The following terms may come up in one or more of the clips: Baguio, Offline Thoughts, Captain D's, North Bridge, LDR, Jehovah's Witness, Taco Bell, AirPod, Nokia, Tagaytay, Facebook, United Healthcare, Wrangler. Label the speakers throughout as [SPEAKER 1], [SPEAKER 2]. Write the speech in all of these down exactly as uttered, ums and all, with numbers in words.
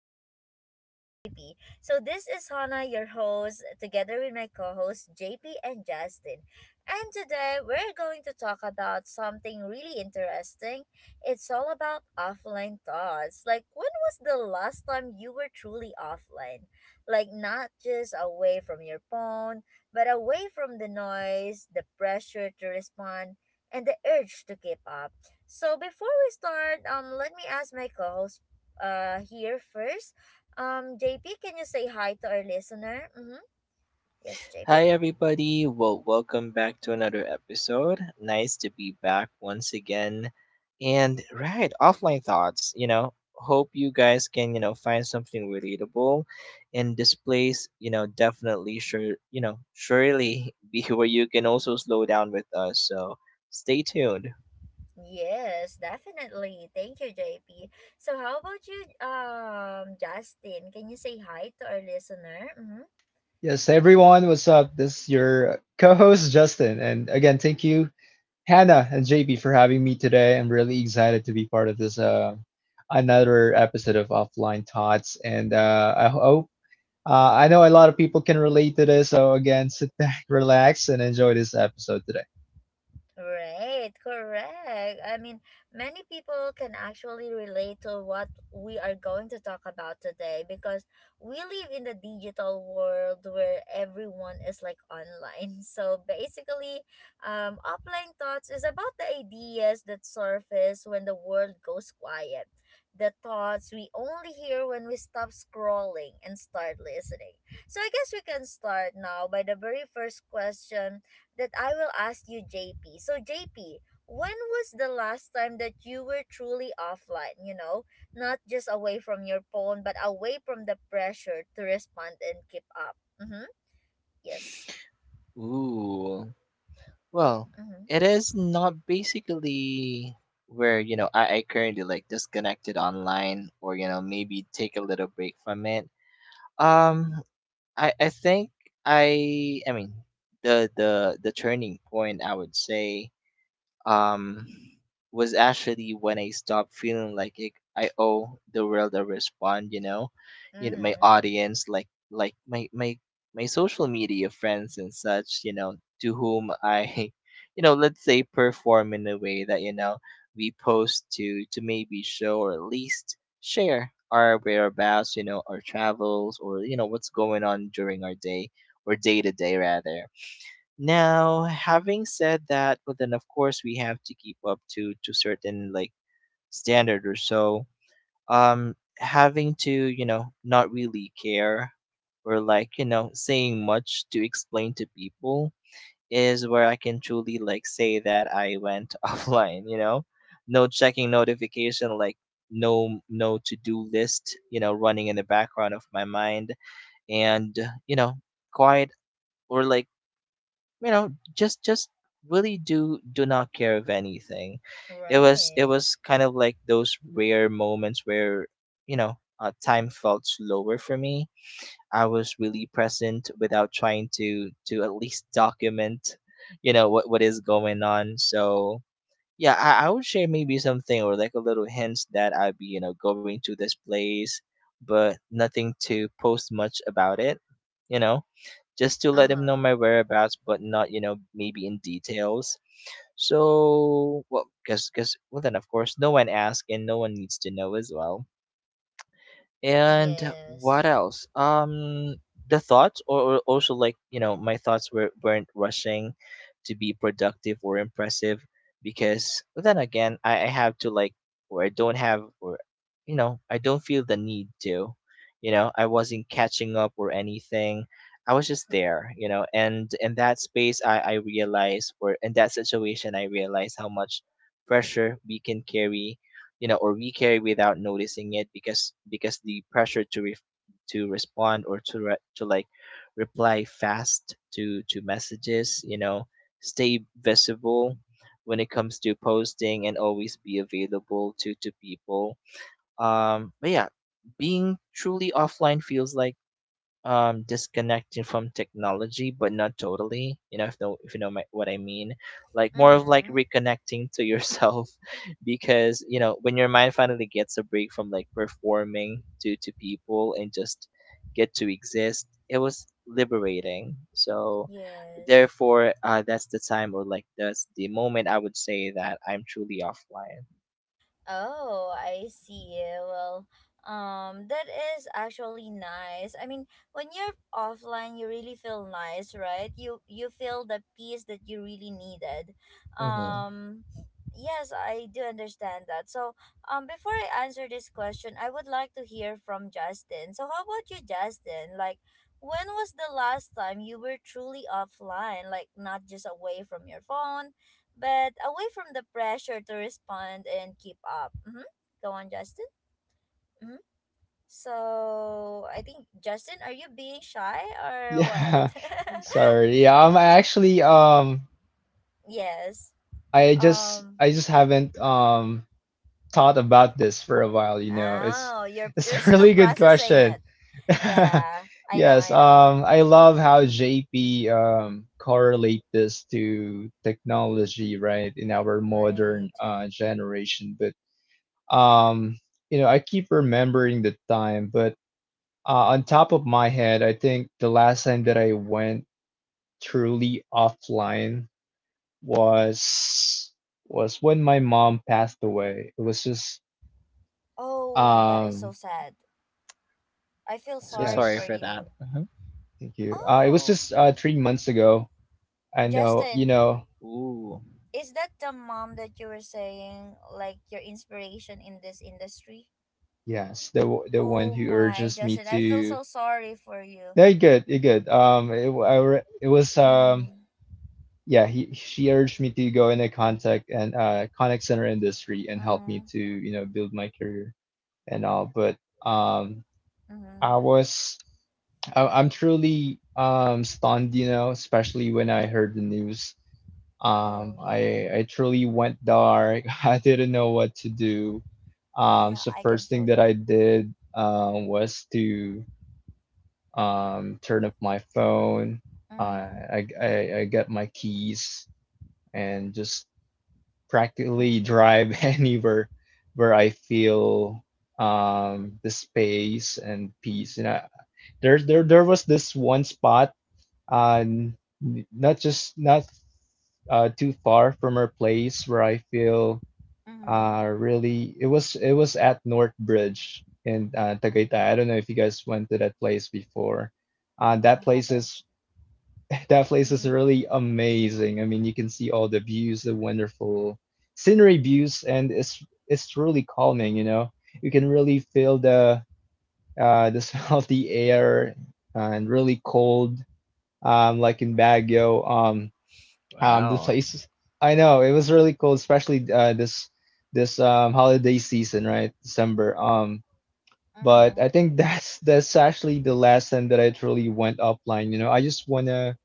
[SPEAKER 1] with Justin and J P. So this is Hannah, your host, together with my co-host J P and Justin. And today we're going to talk about something really interesting. It's all about offline thoughts. Like when was the last time you were truly offline? Like not just away from your phone, but away from the noise, the pressure to respond, and the urge to keep up. So before we start, um, let me ask my co-host uh, here first. Um, J P, can you say hi to our listener? Mm-hmm. Yes, J P?
[SPEAKER 2] Hi, everybody. Well, welcome back to another episode. Nice to be back once again. And, right, offline thoughts, you know, hope you guys can, you know, find something relatable. And this place, you know, definitely sure, you know, surely be where you can also slow down with us. So stay tuned.
[SPEAKER 1] Yes, definitely. Thank you, J P. So how about you, um, Justin? Can you say hi to our listener? Mm-hmm.
[SPEAKER 3] Yes,
[SPEAKER 1] Yes.
[SPEAKER 3] everyone, what's up? This is your co host, Justin. And again, thank you, Hannah and J P, for having me today. I'm really excited to be part of this uh, another episode of Offline Thoughts. And uh, I hope, uh, I know a lot of people can relate to this. So, again, sit back, relax, and enjoy this episode today.
[SPEAKER 1] Right, correct. I mean, many people can actually relate to what we are going to talk about today because we live in the digital world where everyone is like online. So basically, um, offline thoughts is about the ideas that surface when the world goes quiet. The thoughts we only hear when we stop scrolling and start listening. So I guess we can start now by the very first question that I will ask you, J P. So, J P, when was the last time that you were truly offline? You know, not just away from your phone, but away from the pressure to respond and keep up. Mm-hmm. Yes.
[SPEAKER 2] Ooh. Well,
[SPEAKER 1] Mm-hmm.
[SPEAKER 2] it is not basically where, you know, I, I currently like disconnected online or, you know, maybe take a little break from it. Um I, I think I I mean the the the turning point, I would say, um, was actually when I stopped feeling like it, I owe the world a response. You know, you know my
[SPEAKER 1] Mm-hmm.
[SPEAKER 2] audience, like like my my my social media friends and such. You know, to whom I, you know, let's say perform in a way that, you know, we post to to maybe show, or at least share our whereabouts. You know, our travels, or you know what's going on during our day, or day to day rather. Now, having said that, well, then of course we have to keep up to to certain like standard or so. Um, having to you know not really care or, like, you know, saying much to explain to people is where I can truly like say that I went offline. You know, no checking notification, like no no to do list, you know, running in the background of my mind, and you know, quiet, or like you know, just just really do do not care of anything. it was it
[SPEAKER 1] Right.
[SPEAKER 2] was kind of like those rare moments where, you know, uh, time felt slower for me. I was really present without trying to to at least document, you know, what what is going on. So yeah, i, I would share maybe something or like a little hints that I'd be, you know, going to this place, but nothing to post much about it, you know, just to let him know
[SPEAKER 1] Uh-huh.
[SPEAKER 2] my whereabouts, but not, you know, maybe in details. So, well, because, because, well, then of course, no one asked and no one needs to know as well. And what
[SPEAKER 1] Yes.
[SPEAKER 2] else? Um, the thoughts, or, or also like you know, my thoughts were weren't rushing to be productive or impressive. Because then again, I, I have to like, or I don't have, or you know, I don't feel the need to. You know, I wasn't catching up or anything. I was just there, you know, and in that space, I I realized, or in that situation, I realized how much pressure we can carry, you know, or we carry without noticing it. Because because the pressure to re- to respond, or to re- to like reply fast to to messages, you know, stay visible when it comes to posting, and always be available to to people. Um, but yeah, being truly offline feels like um disconnecting from technology, but not totally, you know, if know if you know my, what I mean. Like more of like
[SPEAKER 1] Mm-hmm.
[SPEAKER 2] reconnecting to yourself. Because you know when your mind finally gets a break from like performing to to people and just get to exist, it was liberating. So
[SPEAKER 1] Yes.
[SPEAKER 2] therefore, uh that's the time, or like that's the moment I would say that I'm truly offline.
[SPEAKER 1] Oh, I see. Well, um, that is actually nice. I mean, when you're offline, you really feel nice, right? You you feel the peace that you really needed.
[SPEAKER 2] Mm-hmm.
[SPEAKER 1] Um, yes, I do understand that. So, um, before I answer this question, I would like to hear from Justin. So, how about you, Justin? Like, when was the last time you were truly offline, like not just away from your phone, but away from the pressure to respond and keep up. Mm-hmm. Go on, Justin. Mm-hmm. So I think Justin, are you being shy or what?
[SPEAKER 3] Yeah, sorry. Yeah, I'm actually, um,
[SPEAKER 1] Yes.
[SPEAKER 3] I just,
[SPEAKER 1] Um.
[SPEAKER 3] I just haven't um, thought about this for a while, you know. It's,
[SPEAKER 1] Oh, you're
[SPEAKER 3] it's
[SPEAKER 1] you're
[SPEAKER 3] a
[SPEAKER 1] still
[SPEAKER 3] really good
[SPEAKER 1] processing
[SPEAKER 3] question.
[SPEAKER 1] it. Yeah, I know,
[SPEAKER 3] Yes,
[SPEAKER 1] I know.
[SPEAKER 3] um, I love how J P um, correlate this to technology, right, in our modern
[SPEAKER 1] Right.
[SPEAKER 3] uh, generation. But um, you know, I keep remembering the time. But uh, on top of my head, I think the last time that I went truly offline was was when my mom passed away. It was just
[SPEAKER 1] Oh, that is so
[SPEAKER 3] um,
[SPEAKER 1] sad. I feel
[SPEAKER 2] So
[SPEAKER 1] sorry
[SPEAKER 2] sorry
[SPEAKER 1] for
[SPEAKER 3] yes,
[SPEAKER 2] for
[SPEAKER 1] you.
[SPEAKER 2] that. Mm-hmm.
[SPEAKER 3] thank you. Uh, it was
[SPEAKER 1] Oh,
[SPEAKER 3] just uh, three months ago. I know, you
[SPEAKER 1] Justin,
[SPEAKER 3] know.
[SPEAKER 2] Ooh.
[SPEAKER 1] is that the mom that you were saying like your inspiration in this industry?
[SPEAKER 3] Yes, the w- the one
[SPEAKER 1] Oh
[SPEAKER 3] who
[SPEAKER 1] my,
[SPEAKER 3] urges me
[SPEAKER 1] Justin, I feel
[SPEAKER 3] to.
[SPEAKER 1] so sorry for you.
[SPEAKER 3] No, you're good. You're good. Um, it, w- I re- it was um
[SPEAKER 1] Mm,
[SPEAKER 3] yeah, he she urged me to go in a contact and uh contact center industry and help me
[SPEAKER 1] mm,
[SPEAKER 3] to you know build my career and all. But um I
[SPEAKER 1] mm.
[SPEAKER 3] was I, I'm truly um stunned, you know especially when I heard the news.
[SPEAKER 1] Oh
[SPEAKER 3] Um,
[SPEAKER 1] yeah,
[SPEAKER 3] I I truly went dark. I didn't know what to do. Um,
[SPEAKER 1] yeah,
[SPEAKER 3] so
[SPEAKER 1] I can
[SPEAKER 3] first thing
[SPEAKER 1] feel
[SPEAKER 3] that
[SPEAKER 1] you.
[SPEAKER 3] I did um was to um, turn up my phone. I,
[SPEAKER 1] Mm,
[SPEAKER 3] I, I I get my keys and just practically
[SPEAKER 1] mm,
[SPEAKER 3] drive anywhere where I feel um, the space and peace. And I, there, there, there was this one spot, uh, n- not just not uh, too far from our place, where I feel
[SPEAKER 1] mm,
[SPEAKER 3] uh, really, it was it was at North Bridge in uh,
[SPEAKER 1] mm.
[SPEAKER 3] Tagaytay. I don't know if you guys went to that place before. Uh,
[SPEAKER 1] I
[SPEAKER 3] that place
[SPEAKER 1] haven't.
[SPEAKER 3] is That place is
[SPEAKER 1] Mm,
[SPEAKER 3] really amazing. I mean, you can see all the views, the wonderful scenery views, and it's it's truly calming, you know. You can really feel the uh the smell of the air and really cold. Um, like in Baguio. Um, um, the
[SPEAKER 2] Wow.
[SPEAKER 3] place, I know it was really cold, especially uh this this um holiday season, right? December. Um, but I
[SPEAKER 1] mm,
[SPEAKER 3] think that's that's actually the last time that I truly went offline. You know, I just wanna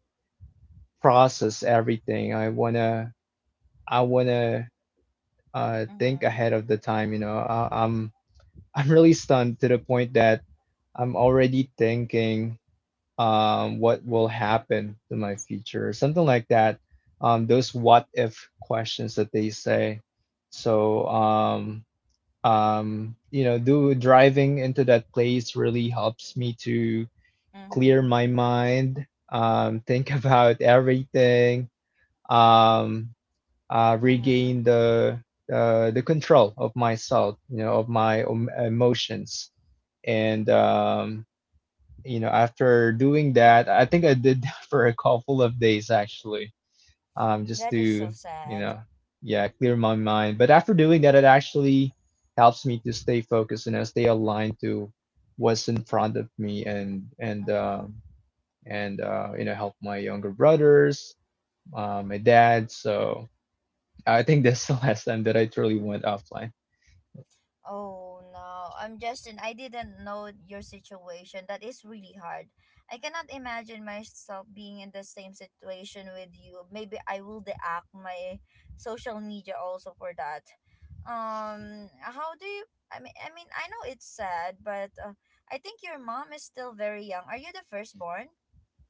[SPEAKER 3] process everything. I wanna I wanna uh, think
[SPEAKER 1] mm,
[SPEAKER 3] ahead of the time. You know, I, I'm I'm really stunned to the point that I'm already thinking um, what will happen to my future, or something like that. Um, those what if questions that they say. So um, um, you know, do driving into that place really helps me to clear
[SPEAKER 1] mm,
[SPEAKER 3] my mind, um, think about everything um uh,
[SPEAKER 1] mm.
[SPEAKER 3] regain the uh, the control of myself, you know, of my em- emotions. And um, you know, after doing that, I think I did that for a couple of days actually, um, just
[SPEAKER 1] That is so
[SPEAKER 3] to you
[SPEAKER 1] sad.
[SPEAKER 3] know, yeah, clear my mind. But after doing that, it actually helps me to stay focused and you know, stay aligned to what's in front of me, and and
[SPEAKER 1] Mm-hmm.
[SPEAKER 3] um, and uh, you know, help my younger brothers, uh, my dad. So I think that's the last time that I truly went offline.
[SPEAKER 1] Oh no, I'm Justin. I didn't know your situation. That is really hard. I cannot imagine myself being in the same situation with you. Maybe I will deact my social media also for that. Um, how do you? I mean, I mean, I know it's sad, but uh, I think your mom is still very young. Are you the firstborn?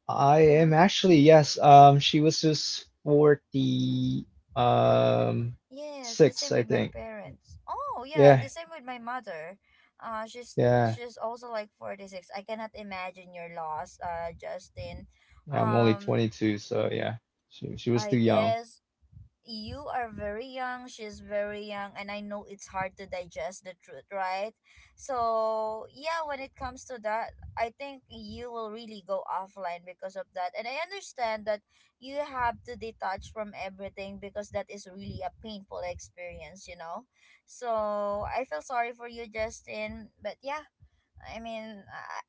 [SPEAKER 3] I am
[SPEAKER 1] Mm-hmm.
[SPEAKER 3] actually, yes. Um, she was just forty, um,
[SPEAKER 1] Yes, the
[SPEAKER 3] six,
[SPEAKER 1] same
[SPEAKER 3] I
[SPEAKER 1] with my
[SPEAKER 3] think.
[SPEAKER 1] parents. Oh, yeah, the
[SPEAKER 3] Yeah,
[SPEAKER 1] same with my mother. Uh, she's
[SPEAKER 3] yeah,
[SPEAKER 1] she's also like forty-six. I cannot imagine your loss, uh, Justin.
[SPEAKER 3] yeah, I'm only
[SPEAKER 1] Um,
[SPEAKER 3] twenty-two, so yeah. She she was too
[SPEAKER 1] I
[SPEAKER 3] young.
[SPEAKER 1] guess you are very young, she's very young, and I know it's hard to digest the truth, right? So, yeah, when it comes to that, I think you will really go offline because of that. And I understand that you have to detach from everything because that is really a painful experience, you know? So, I feel sorry for you, Justin, but yeah, I mean,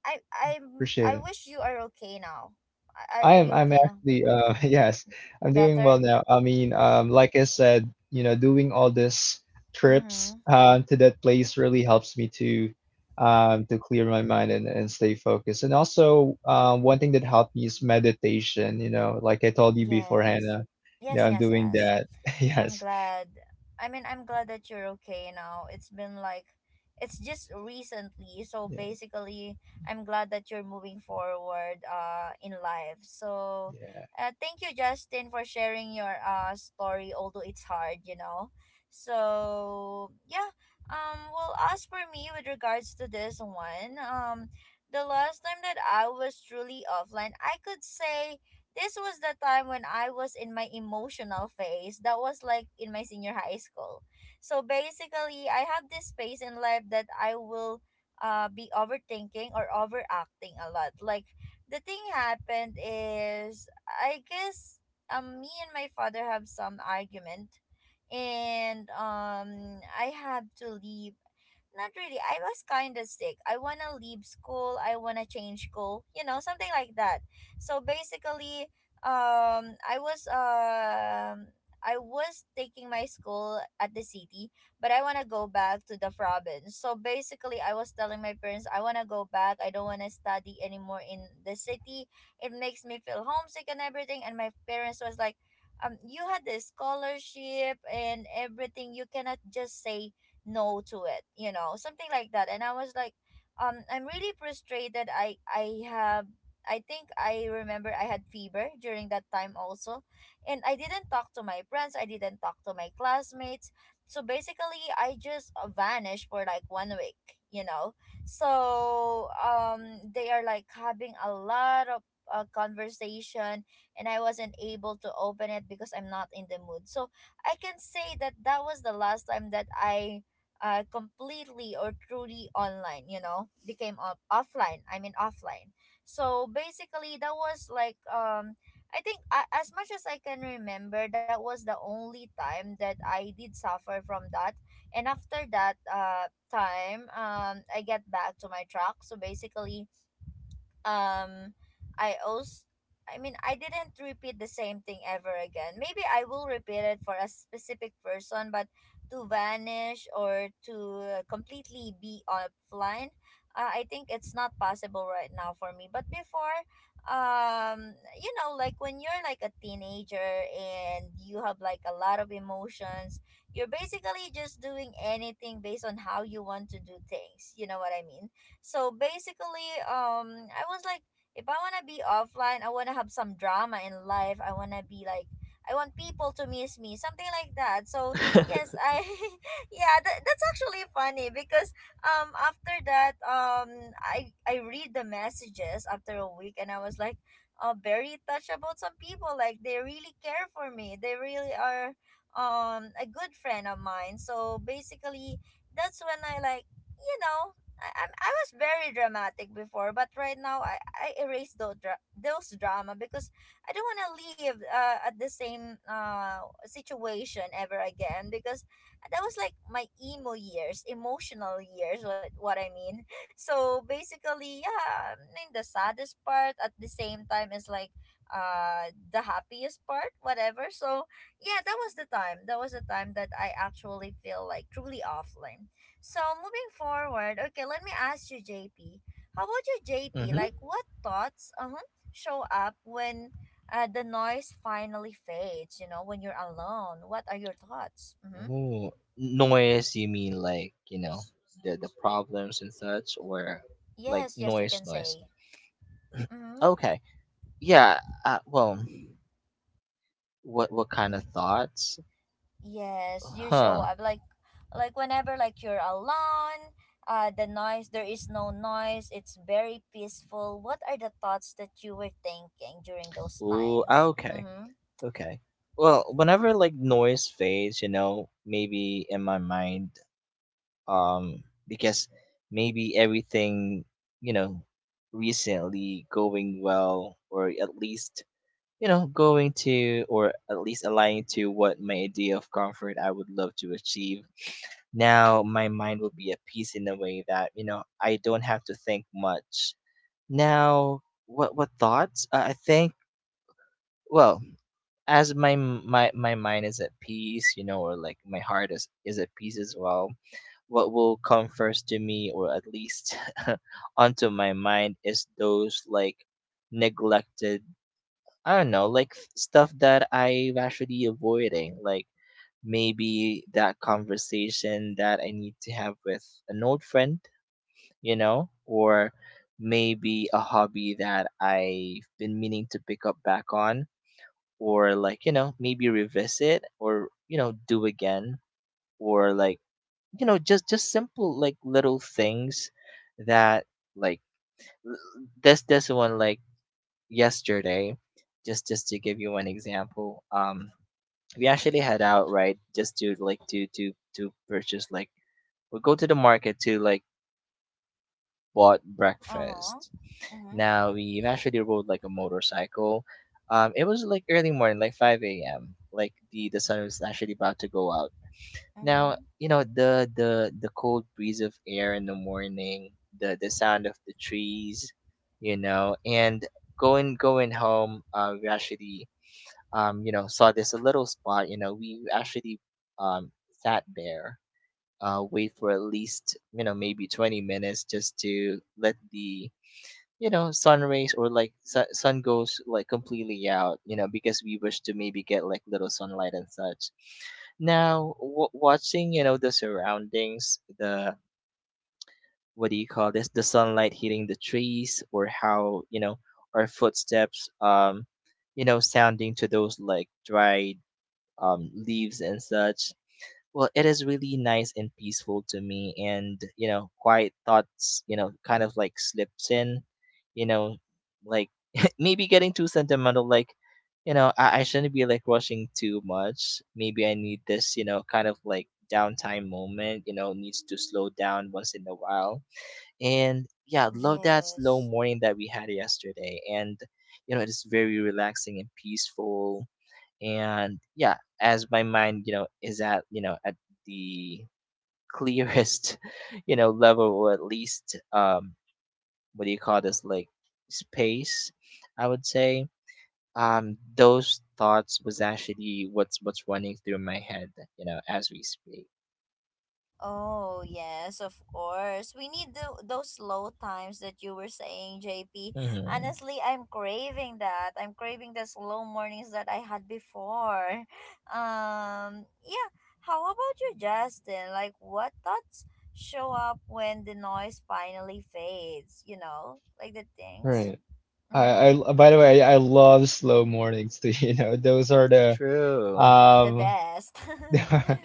[SPEAKER 1] I, I, I,
[SPEAKER 3] Appreciate
[SPEAKER 1] I
[SPEAKER 3] it.
[SPEAKER 1] wish you are okay now. Are,
[SPEAKER 3] I
[SPEAKER 1] are
[SPEAKER 3] am
[SPEAKER 1] you
[SPEAKER 3] I'm
[SPEAKER 1] okay now?
[SPEAKER 3] actually uh yes, I'm doing well
[SPEAKER 1] Better?
[SPEAKER 3] now. I mean, um like I said, you know, doing all this
[SPEAKER 1] Mm
[SPEAKER 3] trips
[SPEAKER 1] hmm.
[SPEAKER 3] um to that place really helps me to um to clear my mind and, and stay focused. And also um one thing that helped me is meditation, you know, like I told you before,
[SPEAKER 1] Yes.
[SPEAKER 3] Hannah. Yeah,
[SPEAKER 1] Yes,
[SPEAKER 3] I'm
[SPEAKER 1] yes,
[SPEAKER 3] doing
[SPEAKER 1] yes.
[SPEAKER 3] that.
[SPEAKER 1] I'm
[SPEAKER 3] Yes.
[SPEAKER 1] glad. I mean, I'm glad that you're okay now. It's been like it's just recently. So
[SPEAKER 3] Yeah,
[SPEAKER 1] basically, I'm glad that you're moving forward uh in life. So
[SPEAKER 3] yeah.
[SPEAKER 1] uh, thank you Justin for sharing your uh story, although it's hard, you know. So, yeah. Um well, as for me with regards to this one, um the last time that I was truly offline, I could say this was the time when I was in my emotional phase. That was like in my senior high school. So basically, I have this phase in life that I will uh, be overthinking or overacting a lot. Like, the thing happened is, I guess um, me and my father have some argument. And um, I have to leave. Not really. I was kind of sick. I want to leave school. I want to change school. You know, something like that. So basically, um, I was um, I was taking my school at the city, but I want to go back to the province. So basically, I was telling my parents I want to go back. I don't want to study anymore in the city. It makes me feel homesick and everything. And my parents was like. Um, you had the scholarship and everything. You cannot just say no to it, you know, something like that. And I was like, um I'm really frustrated. i i have I think I remember I had fever during that time also. And I didn't talk to my friends. I didn't talk to my classmates. So basically, I just uh, vanished for like one week, you know. So um they are like having a lot of uh, conversation, and I wasn't able to open it because I'm not in the mood. So I can say that that was the last time that I uh, completely or truly online, you know, became off- offline. I mean, offline. So basically, that was like, um, I think uh, as much as I can remember, that was the only time that I did suffer from that. And after that uh, time, um, I get back to my track. So basically, um i also I mean, I didn't repeat the same thing ever again. Maybe I will repeat it for a specific person, but to vanish or to uh, completely be offline, uh, I think it's not possible right now for me. But before, um you know, like when you're like a teenager and you have like a lot of emotions, you're basically just doing anything based on how you want to do things, you know what I mean. So basically, um, I was like, if I wanna be offline, I wanna have some drama in life. I wanna be like, I want people to miss me, something like that. So yes, I, yeah, that, that's actually funny because um after that, um I I read the messages after a week and I was like, uh, very touched about some people. Like they really care for me. They really are um a good friend of mine. So basically, that's when I like, you know I, I, I was very dramatic before, but right now I, I erase those, dra- those drama because I don't want to live uh, at the same uh, situation ever again because that was like my emo years, emotional years, what, what I mean. So basically, yeah, I mean, the saddest part at the same time is like uh, the happiest part, whatever. So yeah, that was the time. That was the time that I actually feel like truly offline. So moving forward, okay, let me ask you, J P. How about you, J P?
[SPEAKER 2] Mm-hmm.
[SPEAKER 1] Like, what thoughts uh-huh, show up when uh, the noise finally fades? You know, when you're alone, what are your thoughts? Mm-hmm.
[SPEAKER 2] Ooh. Noise, you mean like, you know, the the problems and such, or like
[SPEAKER 1] Yes, yes, you can
[SPEAKER 2] noise noise.
[SPEAKER 1] say. Mm-hmm.
[SPEAKER 2] Okay. Yeah, uh, well, what what kind of
[SPEAKER 1] Y-
[SPEAKER 2] thoughts?
[SPEAKER 1] yes, you show
[SPEAKER 2] Huh.
[SPEAKER 1] up like, like whenever like you're alone. Uh, the noise. There is no noise. It's very peaceful. What are the thoughts that you were thinking during those
[SPEAKER 2] Ooh,
[SPEAKER 1] times?
[SPEAKER 2] ah, okay,
[SPEAKER 1] Mm-hmm.
[SPEAKER 2] okay. Well, whenever like noise fades, you know, maybe in my mind, um, because maybe everything, you know, recently going well, or at least you know going to, or at least aligning to what my idea of comfort I would love to achieve. Now my mind will be at peace in a way that you know I don't have to think much. Now, what what thoughts? Uh, I think, well, as my m- my my mind is at peace, you know, or like my heart is is at peace as well. What will come first to me, or at least, onto my mind, is those like neglected. I don't know, like f- stuff that I'm actually avoiding, like maybe that conversation that I need to have with an old friend, you know, or maybe a hobby that I've been meaning to pick up back on, or like you know maybe revisit or you know do again, or like you know just just simple like little things that, like, l- this this one, like yesterday. just just to give you one example. um we actually head out right just to like to to to purchase like, we go to the market to like bought
[SPEAKER 1] Uh-huh.
[SPEAKER 2] breakfast.
[SPEAKER 1] Mm-hmm.
[SPEAKER 2] Now we actually rode like a motorcycle. um it was like early morning, like five a.m, like the the sun was actually about to go out. Now,
[SPEAKER 1] Mm-hmm.
[SPEAKER 2] you know, the the the cold breeze of air in the morning, the the sound of the trees, you know, and going going home, uh, we actually, um, you know, saw this little spot. You know, we actually, um sat there, uh, wait for at least, you know, maybe twenty minutes, just to let the you know sun rays, or like su- sun goes like completely out, you know, because we wish to maybe get like little sunlight and such. Now w- watching, you know, the surroundings, the what do you call this, the sunlight hitting the trees, or how you know our footsteps, um you know, sounding to those like dried, um leaves and such. Well, it is really nice and peaceful to me, and you know, quiet thoughts, you know, kind of like slips in, you know, like, maybe getting too sentimental, like, you know, I, I shouldn't be like rushing too much. Maybe I need this, you know, kind of like downtime moment, you know, needs to slow down once in a while. And yeah, love that slow
[SPEAKER 1] Yes.
[SPEAKER 2] morning that we had yesterday. And, you know, it is very relaxing and peaceful. And yeah, as my mind, you know, is at you know at the clearest, you know, level, or at least, um what do you call this, like space, I would say, um those thoughts was actually what's what's running through my head, you know, as we speak.
[SPEAKER 1] Oh, yes, of course. We need the, those low times that you were saying, J P.
[SPEAKER 2] Hmm.
[SPEAKER 1] Honestly, I'm craving that. I'm craving the slow mornings that I had before. Um, yeah. How about you, Justin? Like, what thoughts show up when the noise finally fades? You know, like the things.
[SPEAKER 3] Right.
[SPEAKER 1] Mm-hmm.
[SPEAKER 3] I, I By the way, I love slow mornings too, you know. Those are the
[SPEAKER 2] True.
[SPEAKER 1] The
[SPEAKER 3] um
[SPEAKER 1] best.
[SPEAKER 3] the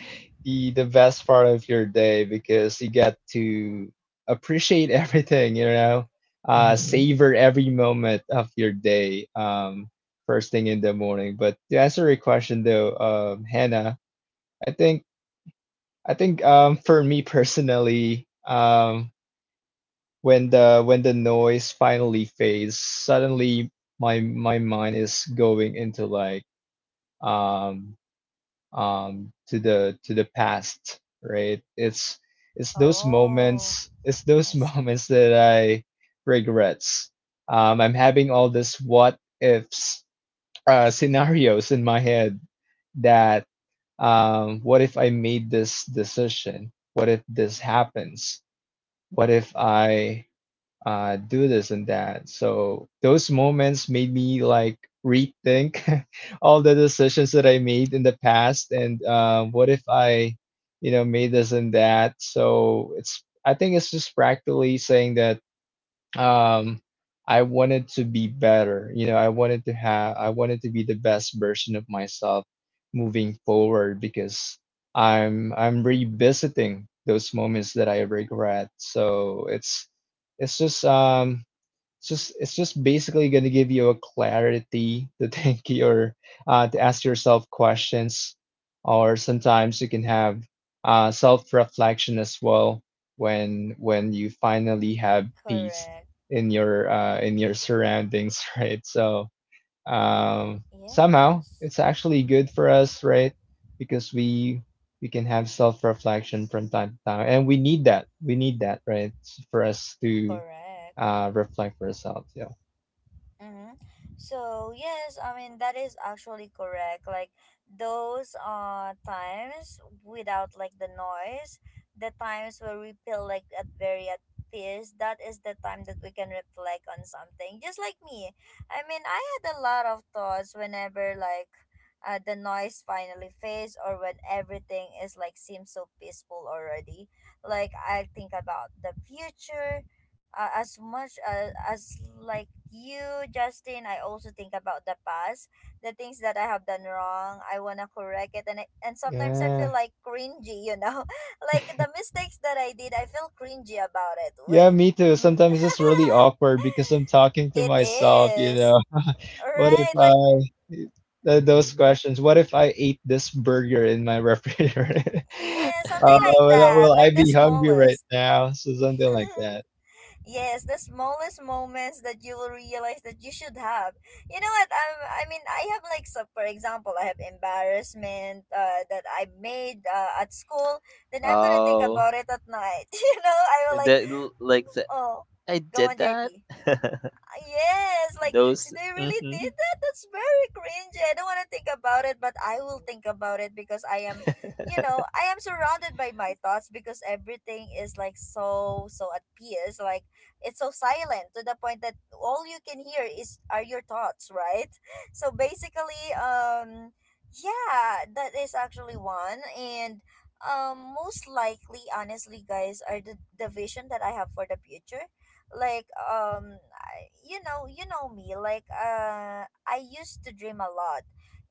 [SPEAKER 3] the best part of your day because you get to appreciate everything you know uh
[SPEAKER 2] Hmm.
[SPEAKER 3] savor every moment of your day, um first thing in the morning. But to answer your question, though, um Hannah, i think i think um for me personally, um when the when the noise finally fades suddenly, my my mind is going into like um um, to the to the past, right? It's it's those
[SPEAKER 1] Oh,
[SPEAKER 3] moments, it's those
[SPEAKER 1] I see.
[SPEAKER 3] moments that I regrets. Um, I'm having all this what ifs uh, scenarios in my head that, um, what if I made this decision? What if this happens? What if I uh, do this and that. So those moments made me like rethink all the decisions that I made in the past, and, um, what if I, you know, made this and that. So it's I think it's just practically saying that um I wanted to be better, you know i wanted to have I wanted to be the best version of myself moving forward because i'm i'm revisiting those moments that I regret, so it's it's just um it's just it's just basically going to give you a clarity to think your, uh, to ask yourself questions, or sometimes you can have uh, self reflection as well, when when you finally have peace
[SPEAKER 1] Correct.
[SPEAKER 3] in your uh, in your surroundings, right? So, um, somehow
[SPEAKER 1] Yes.
[SPEAKER 3] it's actually good for us, right? Because we we can have self reflection from time to time, and we need that. We need that, right, for us to
[SPEAKER 1] Correct.
[SPEAKER 3] uh replying for herself. Yeah.
[SPEAKER 1] Mm-hmm. So yes, I mean that is actually correct. Like those uh times without like the noise, the times where we feel like at very at peace, that is the time that we can reflect on something. Just like me. I mean, I had a lot of thoughts whenever like uh, the noise finally fades or when everything is like seems so peaceful already. Like I think about the future uh, as much as, as like you, Justin. I also think about the past, the things that I have done wrong. I want to correct it, and I, and sometimes I feel
[SPEAKER 3] Yeah.
[SPEAKER 1] like cringy, you know. Like the mistakes that I did, I feel cringy about it.
[SPEAKER 3] Yeah, me too.
[SPEAKER 1] Wh-
[SPEAKER 3] Sometimes it's really awkward because I'm talking to
[SPEAKER 1] it
[SPEAKER 3] myself, you
[SPEAKER 1] is,
[SPEAKER 3] know. What if
[SPEAKER 1] right,
[SPEAKER 3] I
[SPEAKER 1] like,
[SPEAKER 3] uh, th- Those
[SPEAKER 2] Hmm.
[SPEAKER 3] questions, what if I ate this burger in my refrigerator?
[SPEAKER 1] yeah, something
[SPEAKER 3] Uh,
[SPEAKER 1] like
[SPEAKER 3] will, I-
[SPEAKER 1] that,
[SPEAKER 3] will I
[SPEAKER 1] like the
[SPEAKER 3] be hungry right
[SPEAKER 1] smallest.
[SPEAKER 3] now? So something like that.
[SPEAKER 1] Yes, the smallest moments that you will realize that you should have. You know what? i I mean, I have like, so for example, I have embarrassment uh, that I made uh, at school. Then I'm gonna think
[SPEAKER 2] Oh,
[SPEAKER 1] about it at night. you know, I will like,
[SPEAKER 2] that l- like the,
[SPEAKER 1] oh,
[SPEAKER 2] I
[SPEAKER 1] go
[SPEAKER 2] did
[SPEAKER 1] on,
[SPEAKER 2] that.
[SPEAKER 1] J P. Ah, yes, like
[SPEAKER 2] Those
[SPEAKER 1] they really
[SPEAKER 2] hmm.
[SPEAKER 1] did that? That's very cringy. I don't want to think about it, but I will think about it because I am, you know, I am surrounded by my thoughts because everything is like so so at peace. Like, it's so silent to the point that all you can hear is are your thoughts, right? So basically, um, yeah, that is actually one and. Um, most likely, honestly, guys, are the, the vision that I have for the future, like, um I- you know you know me, like, uh I used to dream a lot,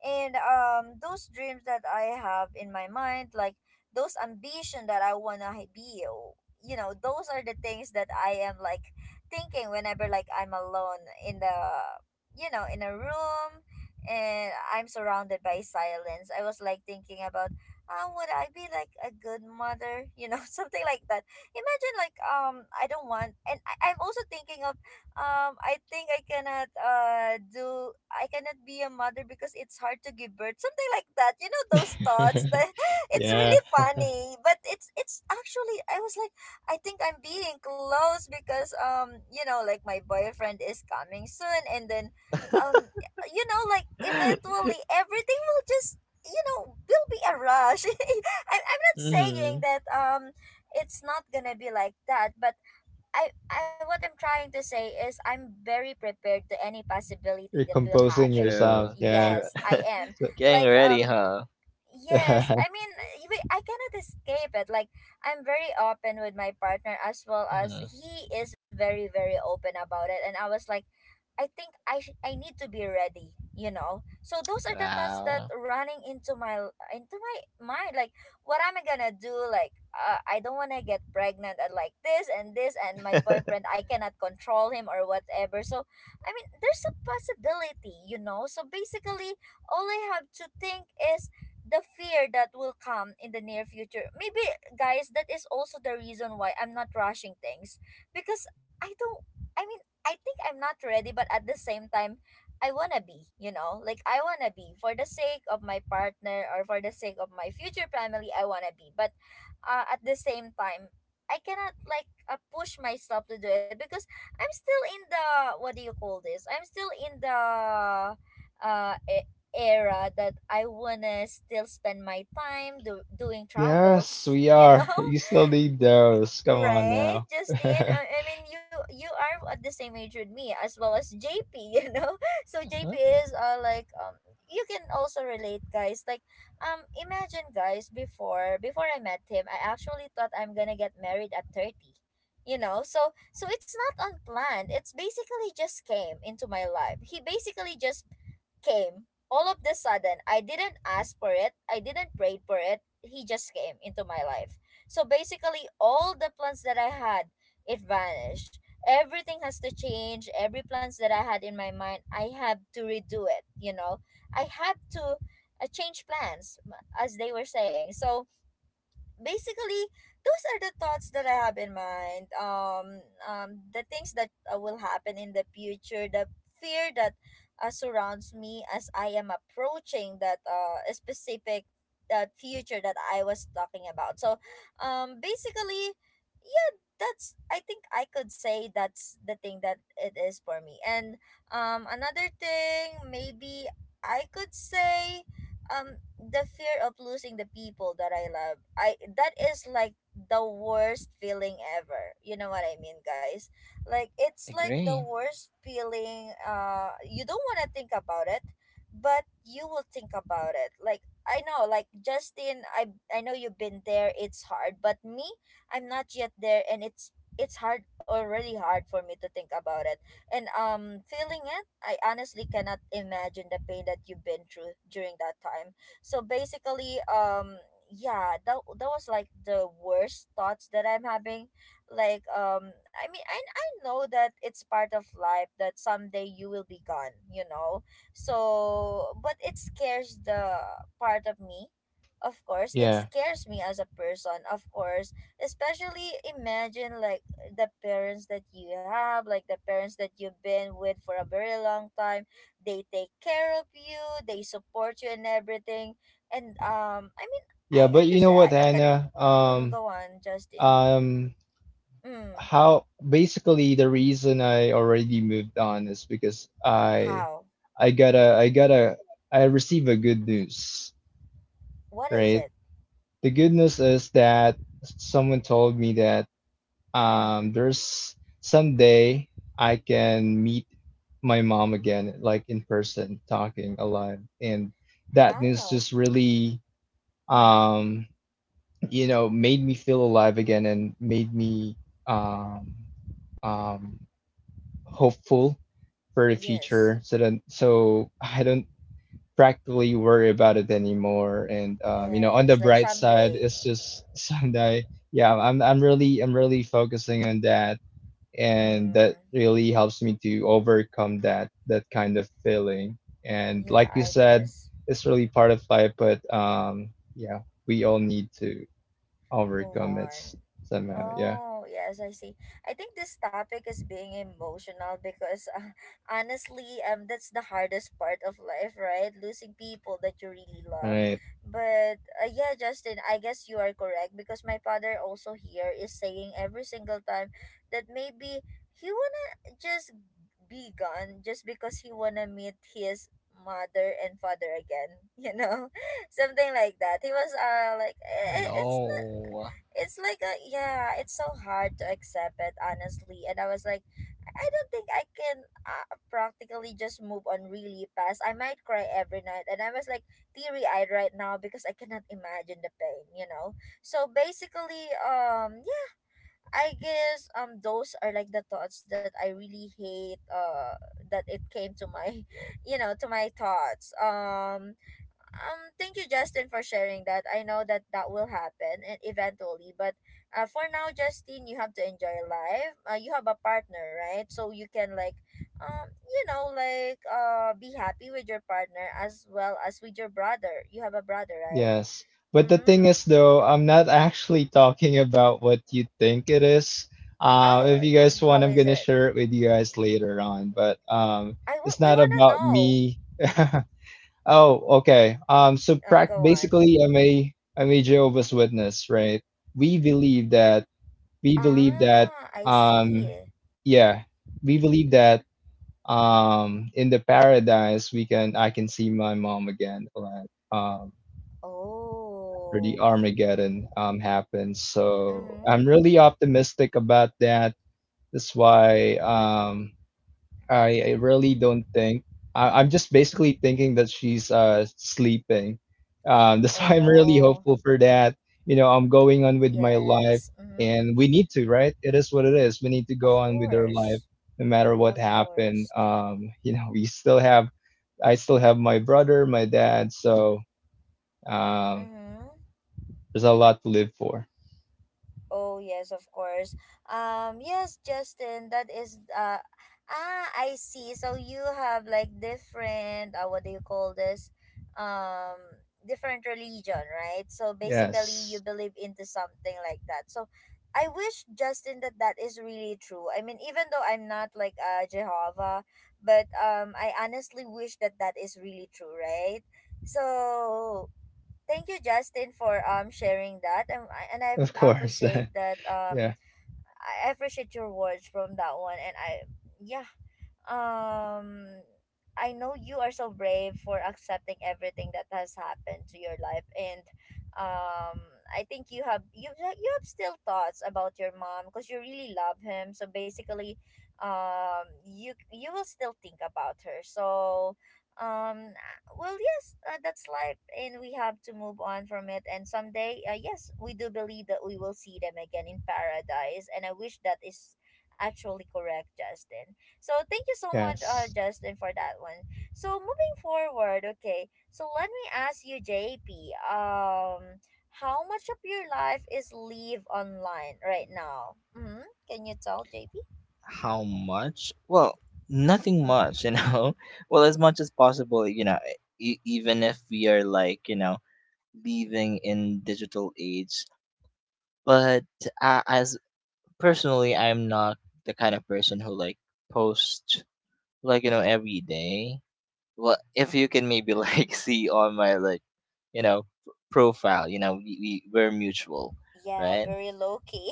[SPEAKER 1] and um those dreams that I have in my mind, like, those ambition that I want to be o- you know those are the things that I am, like, thinking whenever, like, I'm alone in the you know in a room, and I'm surrounded by silence. I was like thinking about how would I be like a good mother. you know something like that. Imagine, like, um I don't want and I, I'm also thinking of, um I think I cannot uh do I cannot be a mother because it's hard to give birth, something like that, you know, those thoughts that it's
[SPEAKER 3] Yeah,
[SPEAKER 1] really funny, but it's it's actually, I was like, I think I'm being close because, um you know, like, my boyfriend is coming soon, and then, um you know, like, eventually everything will just, you know will be a rush. I, i'm not saying
[SPEAKER 2] Hmm.
[SPEAKER 1] that, um it's not gonna be like that, but I, I what I'm trying to say is, I'm very prepared to any possibility
[SPEAKER 3] you're
[SPEAKER 1] that will
[SPEAKER 3] composing
[SPEAKER 1] happen.
[SPEAKER 3] yourself.
[SPEAKER 2] True,
[SPEAKER 3] Yeah.
[SPEAKER 2] true.
[SPEAKER 1] Yes, I am,
[SPEAKER 3] So,
[SPEAKER 2] Getting
[SPEAKER 1] like,
[SPEAKER 2] ready,
[SPEAKER 1] um
[SPEAKER 2] huh?
[SPEAKER 1] yes, I mean, we- I cannot escape it, like, I'm very open with my partner as well as
[SPEAKER 2] Hmm.
[SPEAKER 1] he is very, very open about it, and I was like, I think I sh- I need to be ready, you know. So those are the thoughts that
[SPEAKER 2] Wow.
[SPEAKER 1] running into my into my mind, like, what am I gonna do? Like, uh, I don't wanna get pregnant and, like, this and this, and my boyfriend I cannot control him or whatever. So, I mean, there's a possibility, you know. So basically, all I have to think is the fear that will come in the near future. Maybe, guys, that is also the reason why I'm not rushing things, because I don't. I mean, I think I'm not ready, but at the same time, I wanna be, you know? Like, I wanna be for the sake of my partner or for the sake of my future family, I wanna be. But, uh, at the same time, I cannot, like, uh, push myself to do it because I'm still in the, what do you call this? I'm still in the uh e- era that I wanna still spend my time do- doing
[SPEAKER 3] yes,
[SPEAKER 1] travels,
[SPEAKER 3] we
[SPEAKER 1] you know?
[SPEAKER 3] are. You still need those. Come on
[SPEAKER 1] Right,
[SPEAKER 3] now.
[SPEAKER 1] Justine. I, I mean, you you are at the same age with me as well as J P. You know, so J P
[SPEAKER 2] Mhm.
[SPEAKER 1] is, uh like, um you can also relate, guys. Like, um imagine, guys, before before I met him, I actually thought I'm gonna get married at thirty. You know, so so it's not unplanned. It's basically just came into my life. He basically just came all of the sudden. I didn't ask for it. I didn't pray for it. He just came into my life. So basically, all the plans that I had, it vanished. Everything has to change. Every plans that I had in my mind, I have to redo it. You know, I have to uh, change plans, m- as they were saying. So basically, those are the thoughts that I have in mind, um, um the things that uh, will happen in the future, the fear that uh, surrounds me as I am approaching that uh, specific uh, future that I was talking about. So, um basically, yeah, that's, I think I could say, that's the thing that it is for me. And um another thing maybe I could say, um the fear of losing the people that I love. I That is like the worst feeling ever. You know what I mean, guys? Like, it's like the
[SPEAKER 2] Agree.
[SPEAKER 1] worst feeling, uh you don't want to think about it, but you will think about it. Like, I know, like, Justin, I I know you've been there. It's hard, but me, I'm not yet there, and it's it's hard, already hard for me to think about it. And, um feeling it, I honestly cannot imagine the pain that you've been through during that time. So basically, um, yeah, that that was like the worst thoughts that I'm having. Like, um, I mean, I I know that it's part of life that someday you will be gone, you know. So, but it scares the part of me. Of course, it
[SPEAKER 3] Yeah.
[SPEAKER 1] scares me as a person. Of course, especially imagine, like, the parents that you have, like the parents that you've been with for a very long time. They take care of you, they support you and everything. And, um, I mean, I
[SPEAKER 3] Yeah, but you know
[SPEAKER 1] understand.
[SPEAKER 3] what,
[SPEAKER 1] I, I'm gonna.
[SPEAKER 3] Anna?
[SPEAKER 1] Mm,
[SPEAKER 3] Um,
[SPEAKER 1] go on, Justin.
[SPEAKER 3] um,
[SPEAKER 1] Mm,
[SPEAKER 3] how, basically, the reason I already moved on is because I,
[SPEAKER 1] how?
[SPEAKER 3] I gotta, I gotta, I receive a good news,
[SPEAKER 1] What is
[SPEAKER 3] right?
[SPEAKER 1] it?
[SPEAKER 3] The good news is that someone told me that, um,
[SPEAKER 1] Mm,
[SPEAKER 3] there's someday I can meet my mom again, like in person, talking alive, and that news
[SPEAKER 1] how?
[SPEAKER 3] just really
[SPEAKER 1] Mm,
[SPEAKER 3] um you know made me feel alive again and made me um um hopeful for the
[SPEAKER 1] yes.
[SPEAKER 3] future, so then so I don't practically worry about it anymore. And um you know on the
[SPEAKER 1] Yes, like
[SPEAKER 3] bright side,
[SPEAKER 1] someday.
[SPEAKER 3] it's just sunday yeah i'm i'm really i'm really focusing on that, and that
[SPEAKER 1] Mm,
[SPEAKER 3] really helps me to overcome that that kind of feeling. And
[SPEAKER 1] yeah,
[SPEAKER 3] like you
[SPEAKER 1] I
[SPEAKER 3] said,
[SPEAKER 1] guess.
[SPEAKER 3] it's really part of life. But um yeah, we all need to Ulrich
[SPEAKER 1] Move
[SPEAKER 3] Gomez
[SPEAKER 1] on.
[SPEAKER 3] somehow. Yeah.
[SPEAKER 1] Oh, yes, I see. I think this topic is being emotional because, uh, honestly, um that's the hardest part of life, right? Losing people that you really
[SPEAKER 3] All
[SPEAKER 1] love.
[SPEAKER 3] right.
[SPEAKER 1] But, uh, yeah, Justin, I guess you are correct because my father also here is saying every single time that maybe he wanna just be gone just because he wanna meet his mother and father again, you know? Something like that. He was uh like, "Eh, eh, it's
[SPEAKER 2] No.
[SPEAKER 1] it's like a," yeah, it's so hard to accept it, honestly, and I was like, I don't think I can, uh, practically just move on really fast. I might cry every night, and I was like, teary-eyed right now because I cannot imagine the pain, you know. So basically, um yeah, I guess, um those are like the thoughts that I really hate, uh that it came to my you know to my thoughts. um, um, thank you, Justin, for sharing that. I know that that will happen, e- eventually, but, uh, for now, Justin, you have to enjoy life. Uh, you have a partner, right? So you can, like, um, you know, like, uh, be happy with your partner as well as with your brother. You have a brother, right?
[SPEAKER 3] Yes. But the thing
[SPEAKER 1] Mm.
[SPEAKER 3] is, though, I'm not actually talking about what you think it is. Um,
[SPEAKER 1] Oh,
[SPEAKER 3] if you guys
[SPEAKER 1] uh,
[SPEAKER 3] want,
[SPEAKER 1] how
[SPEAKER 3] I'm
[SPEAKER 1] is
[SPEAKER 3] gonna
[SPEAKER 1] it?
[SPEAKER 3] share it with you guys later on. But um,
[SPEAKER 1] I w-
[SPEAKER 3] it's
[SPEAKER 1] we
[SPEAKER 3] not
[SPEAKER 1] wanna
[SPEAKER 3] about
[SPEAKER 1] know.
[SPEAKER 3] me. Oh, okay. Um, so
[SPEAKER 1] Uh,
[SPEAKER 3] prac
[SPEAKER 1] go on.
[SPEAKER 3] basically, I'm a I'm a Jehovah's Witness, right? We believe that we believe that
[SPEAKER 1] Ah, I
[SPEAKER 3] um,
[SPEAKER 1] see.
[SPEAKER 3] yeah, we believe that um in the paradise, we can I can see my mom again, like um after
[SPEAKER 1] Oh.
[SPEAKER 3] the Armageddon um happens. So
[SPEAKER 1] Mm-hmm.
[SPEAKER 3] I'm really optimistic about that. That's why, um i, I really don't think, I, i'm just basically thinking that she's uh sleeping. Um that's why I'm really
[SPEAKER 1] Oh.
[SPEAKER 3] hopeful for that. you know I'm going on with my life,
[SPEAKER 1] Yes. Mm-hmm.
[SPEAKER 3] and we need to right, it is what it is, we need to go
[SPEAKER 1] Of
[SPEAKER 3] on with our life
[SPEAKER 1] course.
[SPEAKER 3] no matter what
[SPEAKER 1] Of
[SPEAKER 3] happened.
[SPEAKER 1] course.
[SPEAKER 3] Um you know we still have I still have my brother, my dad, so, um,
[SPEAKER 1] Mm-hmm.
[SPEAKER 3] there's a lot to live for.
[SPEAKER 1] Oh, yes, of course. Um yes, Justin, that is, uh ah, I see. So you have, like, different, uh what do you call this? Um Different religion, right? So basically, you
[SPEAKER 3] Yes,
[SPEAKER 1] believe into something like that. So I wish, Justin, that that is really true. I mean, even though I'm not, like, uh Jehovah, but um I honestly wish that that is really true, right? So thank you, Justin, for um sharing that, and I- and I
[SPEAKER 3] of course.
[SPEAKER 1] appreciate that,
[SPEAKER 3] Yeah,
[SPEAKER 1] um I I appreciate your words from that one, and I, yeah, um I know you are so brave for accepting everything that has happened to your life, and um I think you have you have- you have still thoughts about your mom because you really love him. So basically, um you you will still think about her. So, um well, yes, uh, that's life, and we have to move on from it, and someday, uh, yes, we do believe that we will see them again in paradise, and I wish that is actually correct, Justin. So thank you so much, uh,
[SPEAKER 3] yes.
[SPEAKER 1] Justin, for that one. So moving forward, okay. So let me ask you, J P. Um, how much of your life is live online right now? Mm-hmm. Can you tell, J P?
[SPEAKER 2] How much? Well, nothing
[SPEAKER 1] Mm.
[SPEAKER 2] much, you know? Well, as much as possible, you know, e- even if we are like, you know, living in digital age. But uh, as personally, I'm not the kind of person who like posts like, you know, every day. Well, if you can maybe like see on my like, you know, p- profile, you know, we, we we're mutual,
[SPEAKER 1] Yeah,
[SPEAKER 2] right?
[SPEAKER 1] very low key.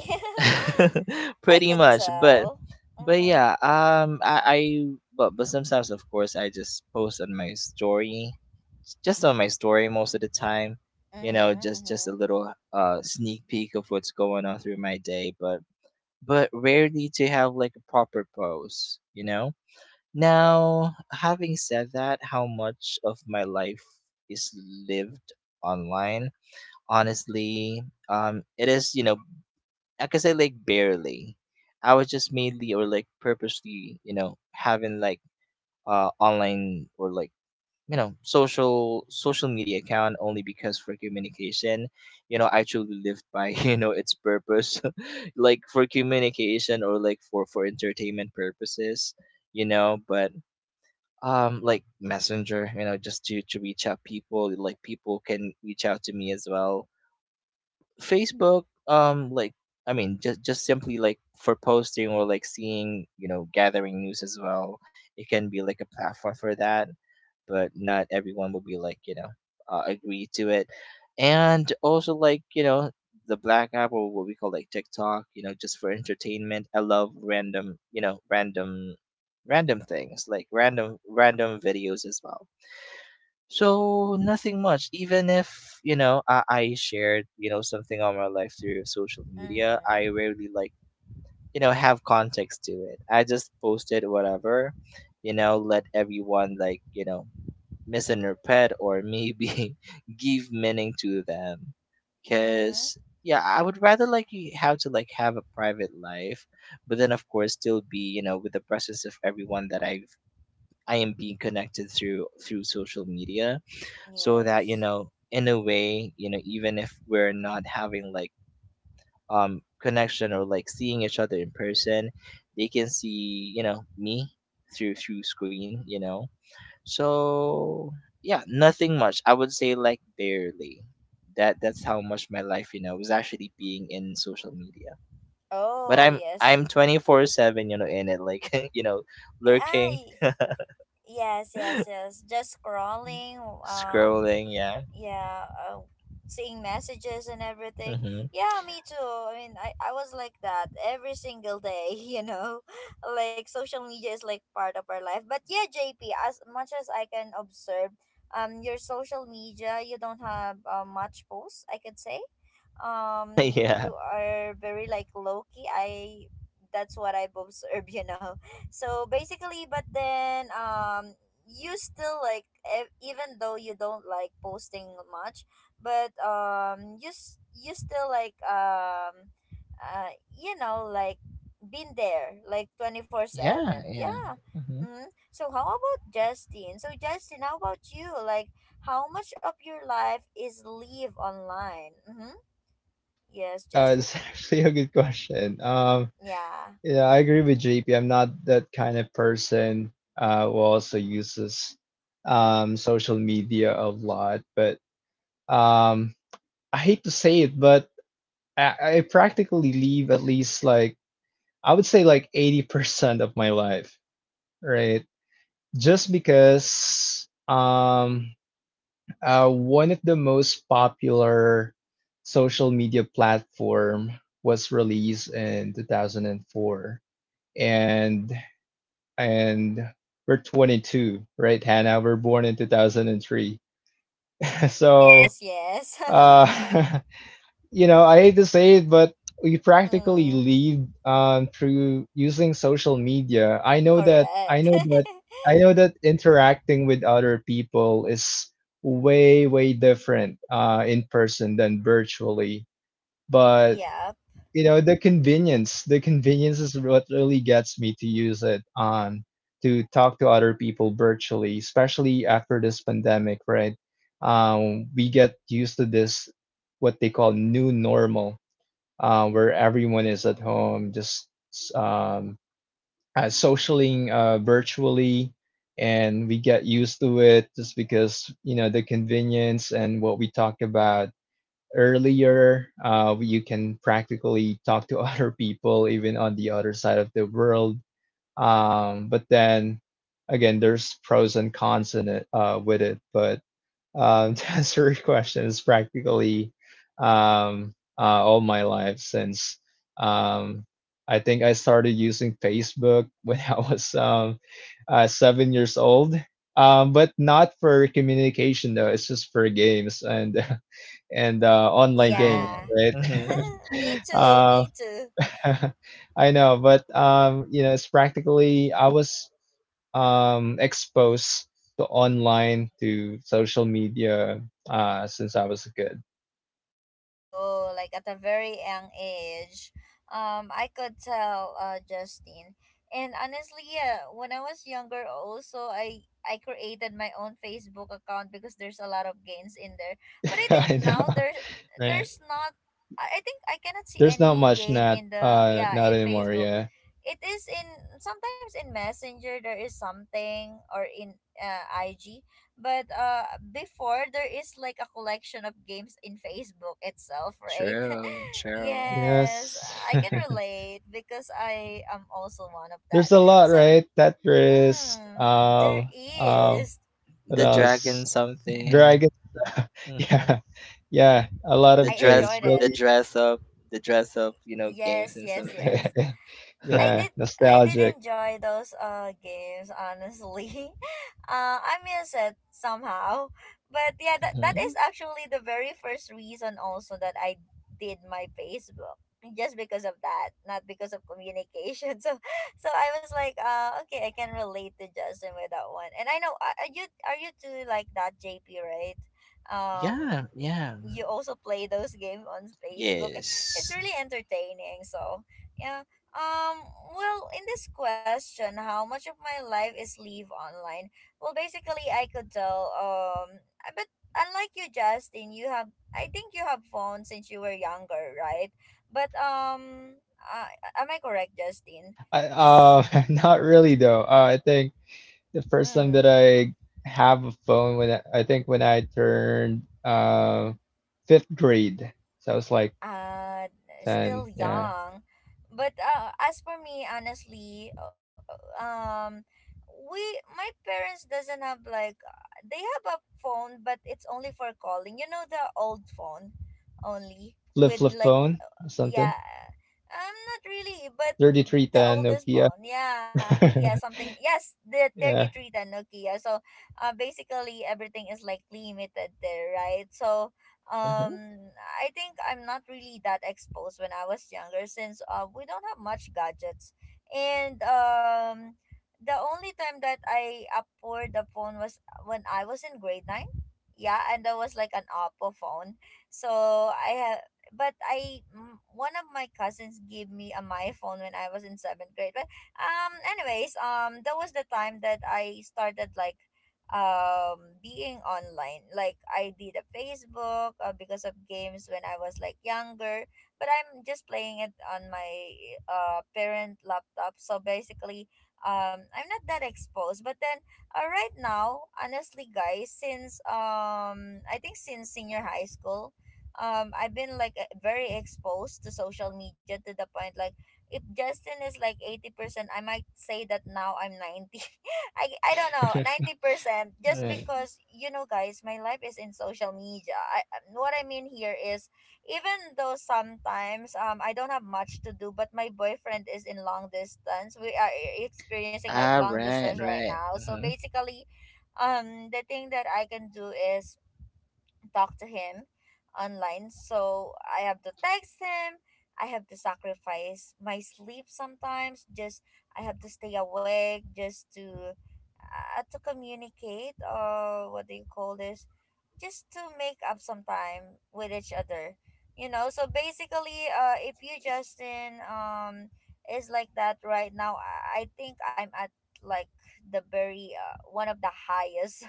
[SPEAKER 1] I
[SPEAKER 2] pretty
[SPEAKER 1] could
[SPEAKER 2] much. but
[SPEAKER 1] tell.
[SPEAKER 2] but
[SPEAKER 1] Mm-hmm.
[SPEAKER 2] yeah, um i i but but sometimes of course I just post on my story, just on my story most of the time,
[SPEAKER 1] Mm-hmm.
[SPEAKER 2] you know, just just a
[SPEAKER 1] Mm-hmm.
[SPEAKER 2] little uh sneak peek of what's going on through my day. but but rarely to have like a proper post, you know. Now, having said that, how much of my life is lived online? Honestly, um, it is, you know, I can say like barely. I was just mainly or like purposely, you know, having like uh online, or like you know social social media account, only because for communication. You know, I truly lived by you know its purpose. Like for communication, or like for for entertainment purposes, you know. But um like Messenger, you know, just to to reach out people, like people can reach out to me as well. Facebook, um, like, I mean, just just simply like for posting, or like seeing, you know, gathering news as well. It can be like a platform for that, but not everyone will be like you know uh, agree to it. And also like you know the black app or what we call like TikTok, you know, just for entertainment. I love random, you know, random, random things, like random random videos as well. So nothing much. Even if you know I, I shared you know something on my life through social media, I
[SPEAKER 1] Mm-hmm.
[SPEAKER 2] rarely like you know have context to it. I just posted whatever, you know, let everyone like you know misinterpret, or maybe give meaning to them.
[SPEAKER 1] Mm-hmm.
[SPEAKER 2] Cause yeah, I would rather like you have to like have a private life, but then of course still be you know with the presence of everyone that I've I am being connected through through social media so that you
[SPEAKER 1] Yes.
[SPEAKER 2] know in a way you know even if we're not having like um connection or like seeing each other in person they can see you know me through through screen you know so yeah nothing much I would say like barely that that's how much my life you know was actually being in social media but
[SPEAKER 1] Oh,
[SPEAKER 2] i'm
[SPEAKER 1] yes.
[SPEAKER 2] i'm twenty-four seven you know in it like you know lurking
[SPEAKER 1] I. Yes, yes, yes. Just scrolling. Um,
[SPEAKER 2] scrolling yeah
[SPEAKER 1] yeah, uh, seeing messages and everything.
[SPEAKER 2] hmm
[SPEAKER 1] Yeah, me too. I mean, I, I was like that every single day. You know, like, social media is like part of our life, but yeah, JP, as much as I can observe, um your social media, you don't have, uh, much posts, I could say. Um
[SPEAKER 2] yeah,
[SPEAKER 1] you are very, like, low key. I That's what I've observed. You know so basically, but then, um you still, like, ev- even though you don't like posting much, but um you s- you still, like, um uh you know like, been there like twenty-four seven.
[SPEAKER 2] yeah, yeah.
[SPEAKER 1] Yeah.
[SPEAKER 2] Mm-hmm.
[SPEAKER 1] Mm-hmm. So how about Justin? So, Justin, how about you, like, how much of your life is live online? Mm-hmm. Yes,
[SPEAKER 3] Uh,
[SPEAKER 1] Justin?
[SPEAKER 3] it's actually a good question. Um,
[SPEAKER 1] Yeah.
[SPEAKER 3] yeah, I agree with J P. I'm not that kind of person uh, who also uses, um, social media a lot, but, um, I hate to say it, but I, I practically leave at least, like, I would say like eighty percent of my life, right? Just because, um, uh, one of the most popular social media platform was released in two thousand four, and and we're twenty-two, right, Hannah? We're born in two thousand three. So
[SPEAKER 1] Yes, yes.
[SPEAKER 3] uh you know, I hate to say it, but we practically
[SPEAKER 1] Mm,
[SPEAKER 3] live um, through using social media. I know that I
[SPEAKER 1] correct.
[SPEAKER 3] know that I know that interacting with other people is way, way different uh, in person than virtually. But
[SPEAKER 1] Yep.
[SPEAKER 3] you know, the convenience the convenience is what really gets me to use it on to talk to other people virtually, especially after this pandemic, right? Um, we get used to this what they call new normal, uh, where everyone is at home, just, um, uh, socialing, uh, virtually, and we get used to it just because you know the convenience and what we talked about earlier. Uh, you can practically talk to other people even on the other side of the world. Um, but then again, there's pros and cons in it, uh, with it, but um, to answer your question is practically, um, uh, all my life since, um, I think I started using Facebook when I was, um, uh, seven years old. Um, but not for communication though. It's just for games and and uh, online games,
[SPEAKER 1] Yeah.
[SPEAKER 2] Right.
[SPEAKER 3] right?
[SPEAKER 2] Mhm.
[SPEAKER 1] Me too,
[SPEAKER 3] uh,
[SPEAKER 1] me too.
[SPEAKER 3] I know, but um, you know, it's practically I was, um, exposed to online to social media uh, since I was a kid.
[SPEAKER 1] Oh, like at a very young age. Um, I could tell uh, Justine. And honestly, yeah, when I was younger also I I created my own Facebook account because there's a lot of gains in there. But I
[SPEAKER 3] I
[SPEAKER 1] think now
[SPEAKER 2] Mhm.
[SPEAKER 3] know,
[SPEAKER 1] there's
[SPEAKER 3] right?
[SPEAKER 1] there's not. I I think I cannot see
[SPEAKER 3] There's not
[SPEAKER 1] any
[SPEAKER 3] much,
[SPEAKER 1] game
[SPEAKER 3] not
[SPEAKER 1] in the
[SPEAKER 3] uh
[SPEAKER 1] yeah,
[SPEAKER 3] not
[SPEAKER 1] in
[SPEAKER 3] anymore.
[SPEAKER 1] Facebook.
[SPEAKER 3] Yeah.
[SPEAKER 1] It is in sometimes in Messenger there is something or in uh, I G, but uh before there is like a collection of games in Facebook itself, right?
[SPEAKER 2] True. True.
[SPEAKER 1] yes,
[SPEAKER 3] Yes.
[SPEAKER 1] I can relate because I am also one of
[SPEAKER 3] There's
[SPEAKER 1] that.
[SPEAKER 3] a lot,
[SPEAKER 1] So,
[SPEAKER 3] right? Tetris.
[SPEAKER 1] mm, there
[SPEAKER 3] Um. Um.
[SPEAKER 1] is
[SPEAKER 3] What
[SPEAKER 2] The dragon
[SPEAKER 3] else?
[SPEAKER 2] something.
[SPEAKER 3] Dragon.
[SPEAKER 2] Mhm.
[SPEAKER 3] Yeah. Yeah. A lot
[SPEAKER 2] The
[SPEAKER 3] of
[SPEAKER 1] I
[SPEAKER 2] dress.
[SPEAKER 3] games.
[SPEAKER 1] enjoyed
[SPEAKER 2] The
[SPEAKER 1] it.
[SPEAKER 3] Really.
[SPEAKER 2] dress up. The dress up. You know, games
[SPEAKER 1] Yes,
[SPEAKER 2] and
[SPEAKER 1] yes,
[SPEAKER 2] something.
[SPEAKER 1] yes. I
[SPEAKER 3] Yeah.
[SPEAKER 1] did I did
[SPEAKER 3] Nostalgic.
[SPEAKER 1] enjoy those uh games honestly. uh I miss it somehow. But yeah, that, that is
[SPEAKER 2] Mhm.
[SPEAKER 1] actually the very first reason also that I did my Facebook. Just because of that, not because of communication. So so I was like, uh okay, I can relate to Justin with that one. And I know, uh, are you are you too like that J P, right? Um
[SPEAKER 2] Yeah. Yeah.
[SPEAKER 1] you also play those games on Facebook. It's
[SPEAKER 2] Yes.
[SPEAKER 1] really entertaining. So yeah. Um well, in this question, how much of my life is live online? Well, basically I could tell, um but unlike you Justin, you have— I think you have phones since you were younger, right? But um uh, am I correct, Justin?
[SPEAKER 3] I,
[SPEAKER 1] S-
[SPEAKER 3] uh, not really though. Uh, I think the first time
[SPEAKER 1] Mm.
[SPEAKER 3] that I have a phone, when I, I think when I turned uh fifth grade. So I was like
[SPEAKER 1] uh Still
[SPEAKER 3] ten, yeah.
[SPEAKER 1] young, but uh, as for me honestly, uh, um we my parents doesn't have like, uh, they have a phone but it's only for calling, you know, the old phone, only
[SPEAKER 3] Flip
[SPEAKER 1] with
[SPEAKER 3] flip
[SPEAKER 1] like
[SPEAKER 3] phone or
[SPEAKER 1] yeah.
[SPEAKER 3] something.
[SPEAKER 1] I'm not really, but th-
[SPEAKER 3] Thirty three
[SPEAKER 1] the
[SPEAKER 3] ten
[SPEAKER 1] oldest
[SPEAKER 3] Nokia.
[SPEAKER 1] phone, yeah, yeah, something. Yes, the
[SPEAKER 3] Yeah.
[SPEAKER 1] thirty three, the nokia. So uh basically everything is like limited there, right? So
[SPEAKER 2] Mhm.
[SPEAKER 1] um I think I'm not really that exposed when I was younger, since uh we don't have much gadgets. And um the only time that I afford the phone was when I was in grade nine. Yeah, and that was like an oppo phone. So I have— but I— m- one of my cousins gave me a my phone when I was in seventh grade. But um, anyways, um, that was the time that I started like um being online. Like I did a Facebook, uh, because of games when I was like younger. But I'm just playing it on my uh parent laptop. So basically, um, I'm not that exposed. But then, uh, right now, honestly, guys, since um, I think since senior high school, um I've been like, uh, very exposed to social media to the point like, if Justin is like eighty percent, I might say that now I'm ninety. I I don't know, ninety percent, just
[SPEAKER 3] Alright.
[SPEAKER 1] because you know guys, my life is in social media. I um, what I mean here is, even though sometimes um I don't have much to do, but my boyfriend is in long distance. We are e- experiencing like
[SPEAKER 2] Ah.
[SPEAKER 1] long
[SPEAKER 2] Right.
[SPEAKER 1] distance right
[SPEAKER 2] Right.
[SPEAKER 1] now. So
[SPEAKER 2] Mhm.
[SPEAKER 1] basically, um the thing that I can do is talk to him online. So I have to text him. I have to sacrifice my sleep sometimes. Just, I have to stay awake just to uh, to communicate, or what do you call this? Just to make up some time with each other. You know, so basically uh if you Justin um is like that right now, I I think I'm at like the very, uh, one of the highest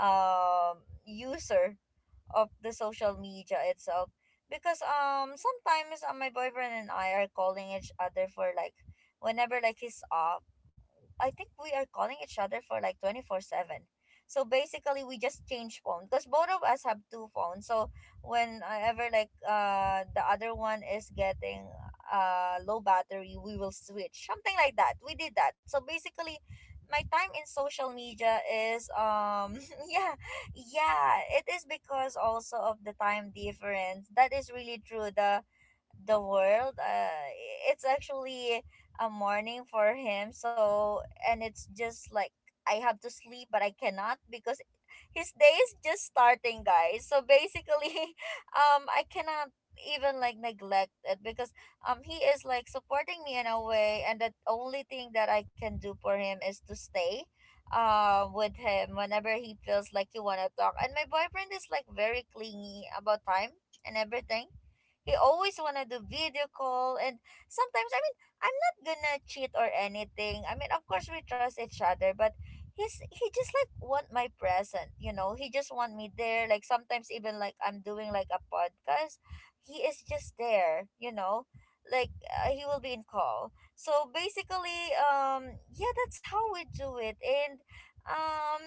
[SPEAKER 1] um user of the social media itself, because um sometimes, uh, my boyfriend and I are calling each other for like, whenever like he's off, I think we are calling each other for like twenty four seven. So basically we just change phone because both of us have two phones. So whenever like uh the other one is getting uh low battery, we will switch. Something like that. We did that. So basically my time in social media is um yeah, yeah, it is, because also of the time difference, that is really true, the the world. Uh, it's actually a morning for him. So, and it's just like, I have to sleep, but I cannot because his day is just starting, guys. So basically, um, I cannot even like neglect it, because um he is like supporting me in a way, and the only thing that I can do for him is to stay, uh, with him whenever he feels like you want to talk. And my boyfriend is like very clingy about time and everything. He always wanna do video call, and sometimes, I mean, I'm not gonna cheat or anything. I mean, of course we trust each other, but he's he just like want my present, you know. He just want me there. Like sometimes even like I'm doing like a podcast, he is just there, you know. Like uh, he will be in call. So basically, um yeah, that's how we do it. And um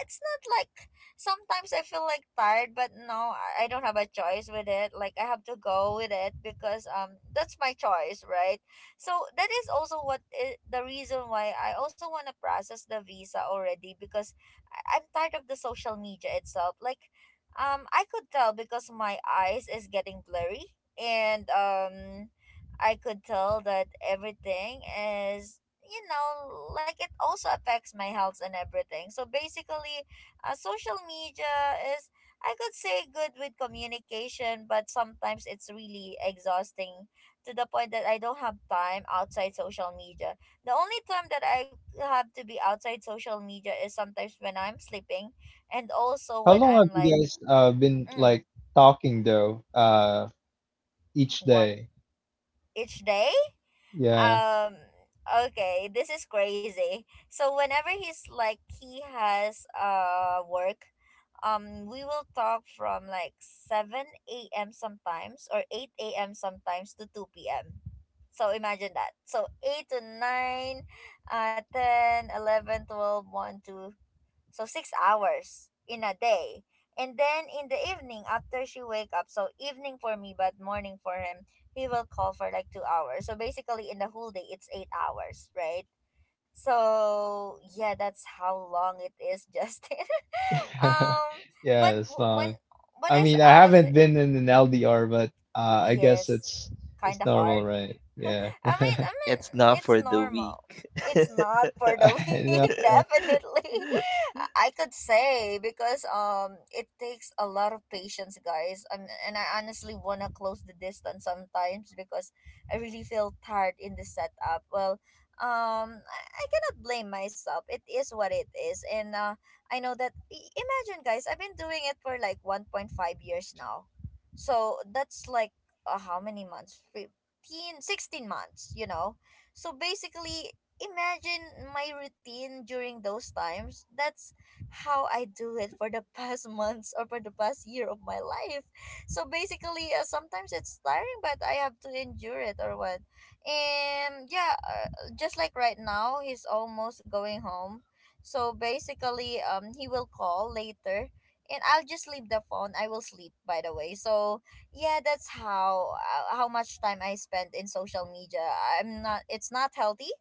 [SPEAKER 1] it's not like— sometimes I feel like tired, but no, I I don't have a choice with it. Like I have to go with it, because um that's my choice, right? So that is also what i- the reason why I also want to process the visa already, because— I- I'm tired of the social media itself. Like um I could tell, because my eyes is getting blurry, and um I could tell that everything is, you know, like it also affects my health and everything. So basically, uh, social media is, I could say, good with communication, but sometimes it's really exhausting, to the point that I don't have time outside social media. The only time that I have to be outside social media is sometimes when I'm sleeping, and also
[SPEAKER 3] How
[SPEAKER 1] when
[SPEAKER 3] long have
[SPEAKER 1] I'm like,
[SPEAKER 3] you guys uh been
[SPEAKER 1] mm,
[SPEAKER 3] like talking though? Uh each
[SPEAKER 1] one
[SPEAKER 3] day.
[SPEAKER 1] each day,
[SPEAKER 3] Yeah.
[SPEAKER 1] um okay, this is crazy. So whenever he's like he has uh work, um we will talk from like seven a.m sometimes, or eight a.m sometimes, to two p.m. So imagine that. So eight to nine, uh ten, eleven, twelve, one, two. So six hours in a day. And then in the evening after she wake up, so evening for me but morning for him, he will call for like two hours. So basically in the whole day it's eight hours, right? So yeah, that's how long it is. justin, um but
[SPEAKER 3] Yeah, it's
[SPEAKER 1] w- when
[SPEAKER 3] long.
[SPEAKER 1] but
[SPEAKER 3] I
[SPEAKER 1] as
[SPEAKER 3] mean, I
[SPEAKER 1] I was—
[SPEAKER 3] haven't been in an L D R, but uh I guess
[SPEAKER 1] yes,
[SPEAKER 3] it's
[SPEAKER 1] kind
[SPEAKER 3] it's
[SPEAKER 1] of hard.
[SPEAKER 3] normal, right? Yeah.
[SPEAKER 1] I mean, I mean,
[SPEAKER 2] It's not
[SPEAKER 1] it's
[SPEAKER 2] for the
[SPEAKER 1] normal.
[SPEAKER 2] weak.
[SPEAKER 1] It's not for the
[SPEAKER 3] And
[SPEAKER 1] weak,
[SPEAKER 3] uh,
[SPEAKER 1] definitely. I could say, because um it takes a lot of patience, guys. Um, and I honestly wanna close the distance sometimes, because I really feel tired in the setup. Well, um, I, I cannot blame myself. It is what it is, and uh, I know that. i- Imagine, guys, I've been doing it for like one point five years now, so that's like, uh, how many months? fifteen sixteen months, you know. So basically imagine my routine during those times. That's how I do it for the past months, or for the past year of my life. So basically, uh, sometimes it's tiring but I have to endure it, or what. And yeah, uh, just like right now he's almost going home. So basically, um he will call later, and I'll just leave the phone. I will sleep, by the way. So yeah, that's how, uh, how much time I spend in social media. I'm not— it's not healthy.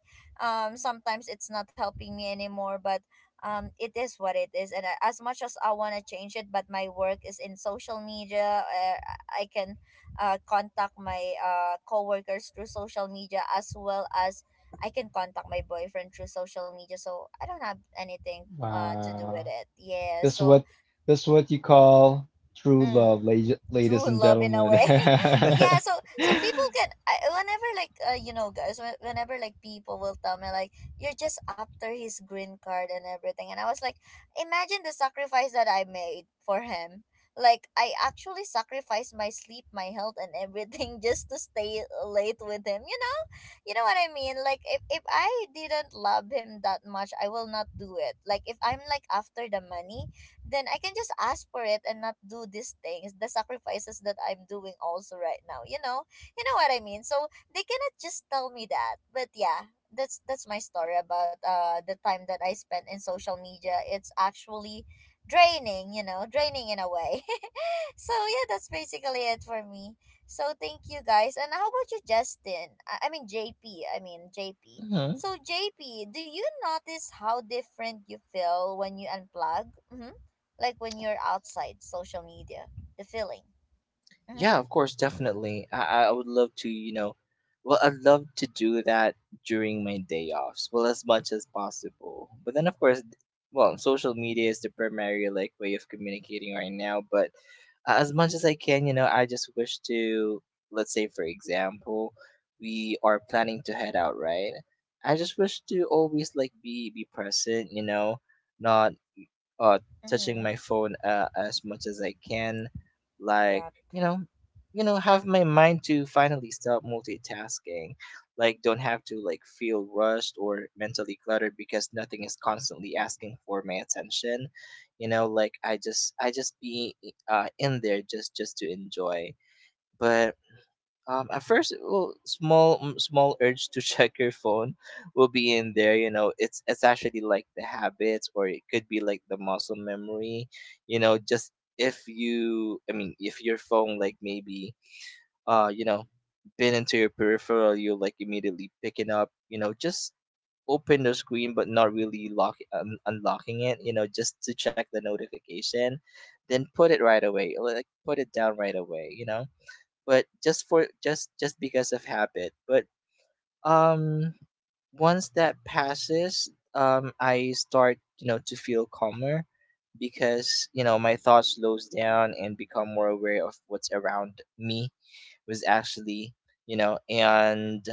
[SPEAKER 1] um Sometimes it's not helping me anymore, but um it is what it is. And I, as much as I want to change it, but my work is in social media. Uh, i can uh, contact my uh coworkers through social media, as well as I can contact my boyfriend through social media. So I don't have anything uh to do with
[SPEAKER 3] Wow.
[SPEAKER 1] it. Yeah.
[SPEAKER 3] That's
[SPEAKER 1] So,
[SPEAKER 3] what that's what you call true love,
[SPEAKER 1] mm,
[SPEAKER 3] la- ladies
[SPEAKER 1] true
[SPEAKER 3] and
[SPEAKER 1] love in a
[SPEAKER 3] gentlemen.
[SPEAKER 1] way. yeah. so so people can— I, whenever like, uh, you know guys, when- whenever like people will tell me like, you're just after his green card and everything, and I was like, imagine the sacrifice that I made for him. Like I actually sacrificed my sleep, my health and everything, just to stay late with him, you know. You know what I mean. Like, if, if I didn't love him that much I will not do it. Like if I'm like after the money, then I can just ask for it and not do these things, the sacrifices that I'm doing also right now. You know, you know what I mean. So they cannot just tell me that. But yeah, that's that's my story about uh the time that I spent in social media. It's actually draining, you know, draining in a way. So yeah, that's basically it for me. So thank you guys. And how about you, Justin? I I mean J P. I mean J P.
[SPEAKER 2] Mhm.
[SPEAKER 1] So J P, do you notice how different you feel when you unplug? Mm-hmm. Like when you're outside social media, the feeling. Mm-hmm.
[SPEAKER 2] Yeah, of course, definitely. I, I would love to, you know, well, I'd love to do that during my day offs, well, as much as possible. But then, of course, th- well, social media is the primary like way of communicating right now. But uh, as much as I can, you know, I just wish to, let's say, for example, we are planning to head out, right? I just wish to always like be be present, you know, not uh touching my
[SPEAKER 1] Mm-hmm.
[SPEAKER 2] phone uh, as much as I can like
[SPEAKER 1] Yeah.
[SPEAKER 2] you know you know have my mind to finally stop multitasking like don't have to like feel rushed or mentally cluttered because nothing is constantly asking for my attention you know like i just i just be uh in there just just to enjoy but um, at first, well, small mm, small urge to check your phone will be in there. You know, it's it's actually like the habits, or it could be like the muscle memory. You know, just if you, I mean, if your phone like maybe, uh, you know, been into your peripheral, you like immediately picking up. You know, just open the screen, but not really lock un- unlocking it. You know, just to check the notification, then put it right away. Like put it down right away. You know but just for just just because of habit. But um, once that passes, um, I start you know to feel calmer because you know my thoughts slows down and become more aware of what's around me was actually you know and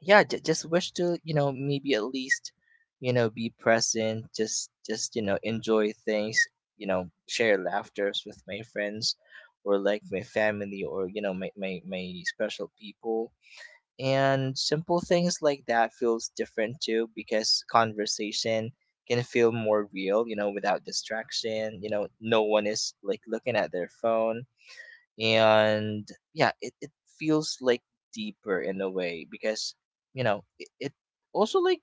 [SPEAKER 2] yeah j- just wish to you know maybe at least you know be present just just you know enjoy things you know share laughters with my friends or like my family or you know my, my, my special people and simple things like that feels different too because conversation can feel more real you know without distraction you know no one is like looking at their phone and yeah it, it feels like deeper in a way because you know it, it also like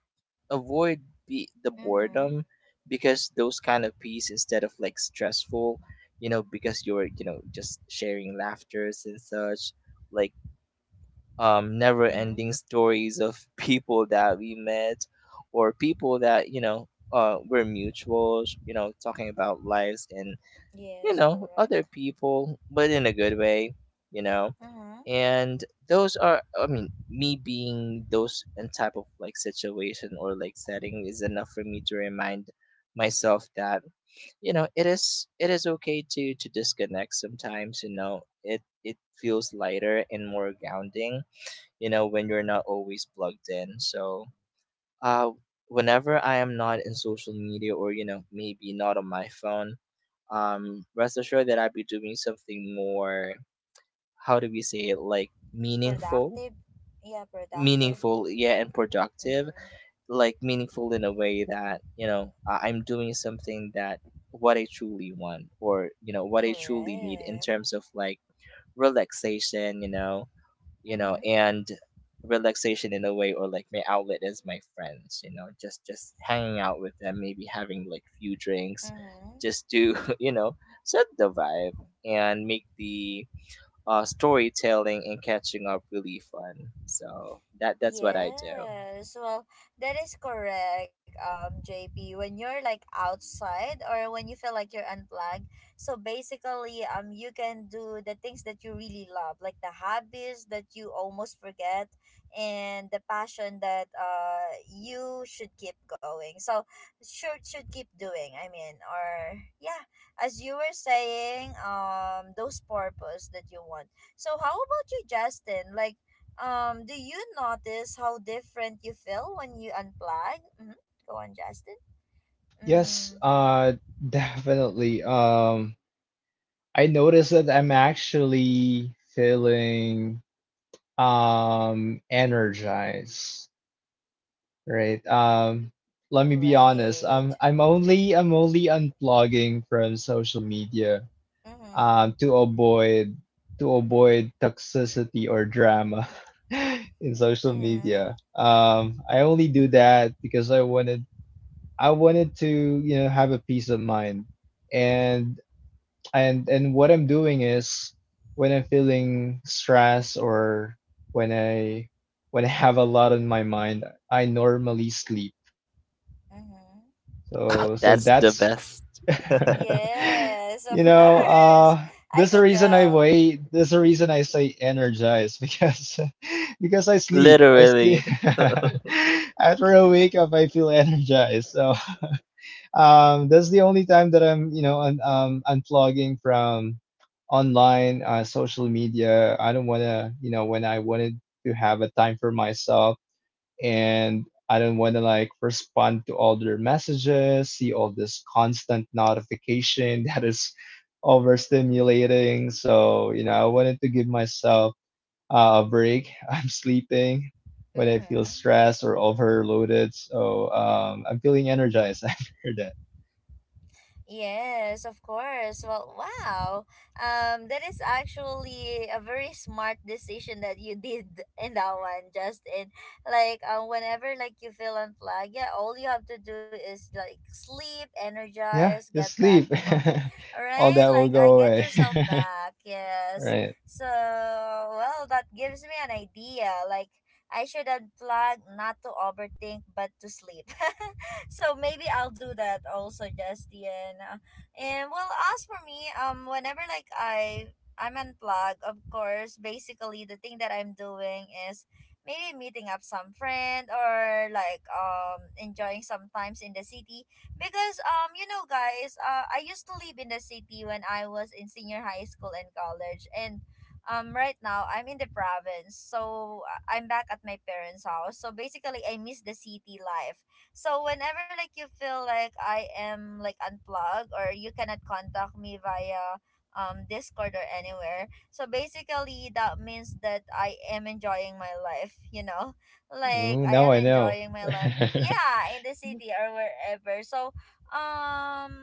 [SPEAKER 2] avoid be, the
[SPEAKER 1] Mm-hmm.
[SPEAKER 2] boredom because those kind of piece instead of like stressful you know because you're you know just sharing laughters and such like um never
[SPEAKER 1] Mm-hmm.
[SPEAKER 2] ending stories of people that we met or people that you know uh were mutuals you know talking about lives and you
[SPEAKER 1] Yes,
[SPEAKER 2] know, other
[SPEAKER 1] correct.
[SPEAKER 2] people, but in a good way, you know.
[SPEAKER 1] Mm-hmm.
[SPEAKER 2] And those are, I mean, me being those and type of like situation or like setting is enough for me to remind myself that you know it is it is okay to to disconnect sometimes you know it it feels lighter and more grounding you know when you're not always plugged in so uh whenever I am not in social media or you know maybe not on my phone um, rest assured that I'll be doing something more, how do we say it, like meaningful?
[SPEAKER 1] Productive. Yeah, productive.
[SPEAKER 2] Meaningful, yeah, and productive.
[SPEAKER 1] Mm.
[SPEAKER 2] Like meaningful in a way that, you know, I- I'm doing something that what I truly want or, you know, what I truly need in
[SPEAKER 1] Correct.
[SPEAKER 2] terms of like relaxation, you know, you know
[SPEAKER 1] Mm-hmm.
[SPEAKER 2] and relaxation in a way or like my outlet is my friends you know just just hanging out with them maybe having like few drinks
[SPEAKER 1] Mm-hmm.
[SPEAKER 2] just to you know set the vibe and make the uh storytelling and catching up really fun so that that's what I do
[SPEAKER 1] Yes, well, that is correct, um, J P. When you're like outside or when you feel like you're unplugged, so basically, um, you can do the things that you really love, like the hobbies that you almost forget, and the passion that uh you should keep going. So should should keep doing. I mean, or yeah, as you were saying, um, those purpose that you want. So how about you, Justin? Like um, do you notice how different you feel when you unplug? Mm-hmm. Go on, Justin.
[SPEAKER 3] Yes,
[SPEAKER 1] Mm,
[SPEAKER 3] uh definitely. Um I noticed that I'm actually feeling um energized, right? Um let me be honest.
[SPEAKER 1] right.
[SPEAKER 3] Um I'm only I'm only unplugging from social media,
[SPEAKER 1] Mm-hmm.
[SPEAKER 3] um, to avoid to avoid toxicity or drama, in social
[SPEAKER 1] Mm-hmm.
[SPEAKER 3] media. Um, I only do that because I wanted I wanted to, you know have a peace of mind, and, and and what I'm doing is, when I'm feeling stress or when I when I have a lot on my mind, I normally sleep.
[SPEAKER 1] Mm-hmm.
[SPEAKER 3] So so
[SPEAKER 2] that's the
[SPEAKER 3] that's
[SPEAKER 2] best
[SPEAKER 3] you
[SPEAKER 1] Yes, of
[SPEAKER 3] know,
[SPEAKER 1] course.
[SPEAKER 3] uh,
[SPEAKER 1] I
[SPEAKER 3] there's a
[SPEAKER 1] could
[SPEAKER 3] reason I
[SPEAKER 1] tell.
[SPEAKER 3] wait. There's a reason I say energized because because I sleep. I sleep
[SPEAKER 2] literally.
[SPEAKER 3] after a wake up. I feel energized. So um, that's the only time that I'm, you know un- um, unplugging from online uh, social media. I don't wanna, you know when I wanted to have a time for myself, and I don't want to like respond to all their messages, see all this constant notification that is overstimulating. So, you know, I wanted to give myself uh, a break. I'm sleeping when I feel
[SPEAKER 1] Mm-hmm.
[SPEAKER 3] stressed or overloaded. So, um, I'm feeling energized after that.
[SPEAKER 1] Yes, of course. Well, wow. Um, that is actually a very smart decision that you did in that one, Justin. Like, uh, whenever like you feel unplugged, yeah, all you have to do is like sleep, energize,
[SPEAKER 3] Yeah,
[SPEAKER 1] get
[SPEAKER 3] just
[SPEAKER 1] back
[SPEAKER 3] sleep.
[SPEAKER 1] from, all
[SPEAKER 3] All
[SPEAKER 1] right.
[SPEAKER 3] that will
[SPEAKER 1] Like, I
[SPEAKER 3] go
[SPEAKER 1] get
[SPEAKER 3] away.
[SPEAKER 1] yourself back.
[SPEAKER 3] All
[SPEAKER 1] Yes.
[SPEAKER 3] right.
[SPEAKER 1] So, well, that gives me an idea. Like, I should unplug, not to overthink, but to sleep. So maybe I'll do that also, Justin. Uh, And well, as for me, um, whenever like I I'm unplugged, of course, basically the thing that I'm doing is maybe meeting up some friend or like um enjoying sometimes in the city because um you know guys uh, I used to live in the city when I was in senior high school and college, and um right now I'm in the province, so uh, I'm back at my parents house, so basically I miss the city life. So whenever like you feel like I am like unplugged or you cannot contact me via um Discord or anywhere. So basically that means that I am enjoying my life, you know? Like
[SPEAKER 3] Ooh,
[SPEAKER 1] I
[SPEAKER 3] now
[SPEAKER 1] am
[SPEAKER 3] I know.
[SPEAKER 1] enjoying my life in, yeah, in the city or wherever. So um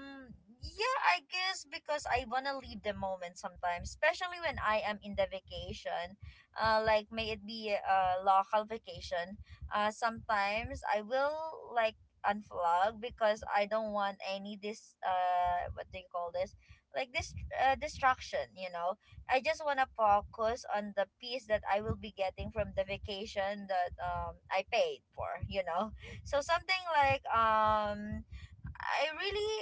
[SPEAKER 1] yeah, I guess because I wanna leave the moment sometimes, especially when I am in the vacation. Uh like may it be a local vacation, uh sometimes I will like unplug because I don't want any this uh what do you call this, like this uh, distraction, you know, I just want to focus on the piece that I will be getting from the vacation that um I paid for, you know. So something like um I really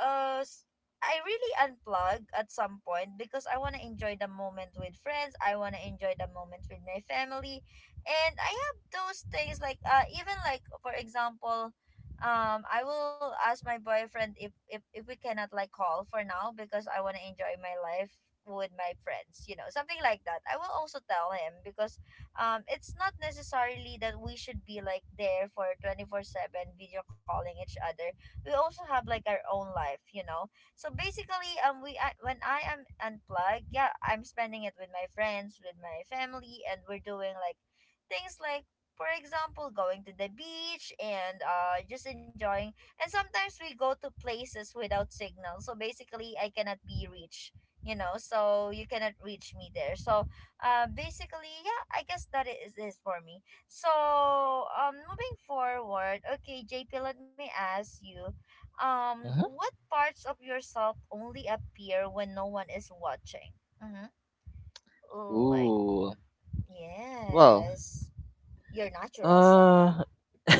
[SPEAKER 1] uh s- I really unplug at some point because I want to enjoy the moment with friends. I want to enjoy the moment with my family. And I have those things like uh even like for example um I will ask my boyfriend if if, if we cannot like call for now because I want to enjoy my life with my friends, you know, something like that. I will also tell him because um it's not necessarily that we should be like there for twenty-four seven video calling each other. We also have like our own life, you know. So basically um we I, when I am unplugged, yeah, I'm spending it with my friends, with my family, and we're doing like things like for example going to the beach and uh just enjoying. And sometimes we go to places without signal, so basically I cannot be reached, you know, so you cannot reach me there. So uh basically, yeah, I guess that is is for me. So um moving forward, okay JP, let me ask you, um
[SPEAKER 2] Mhm.
[SPEAKER 1] what parts of yourself only appear when no one is watching? Mm-hmm. Like,
[SPEAKER 2] Ooh, well
[SPEAKER 1] yes, your natural self.
[SPEAKER 2] uh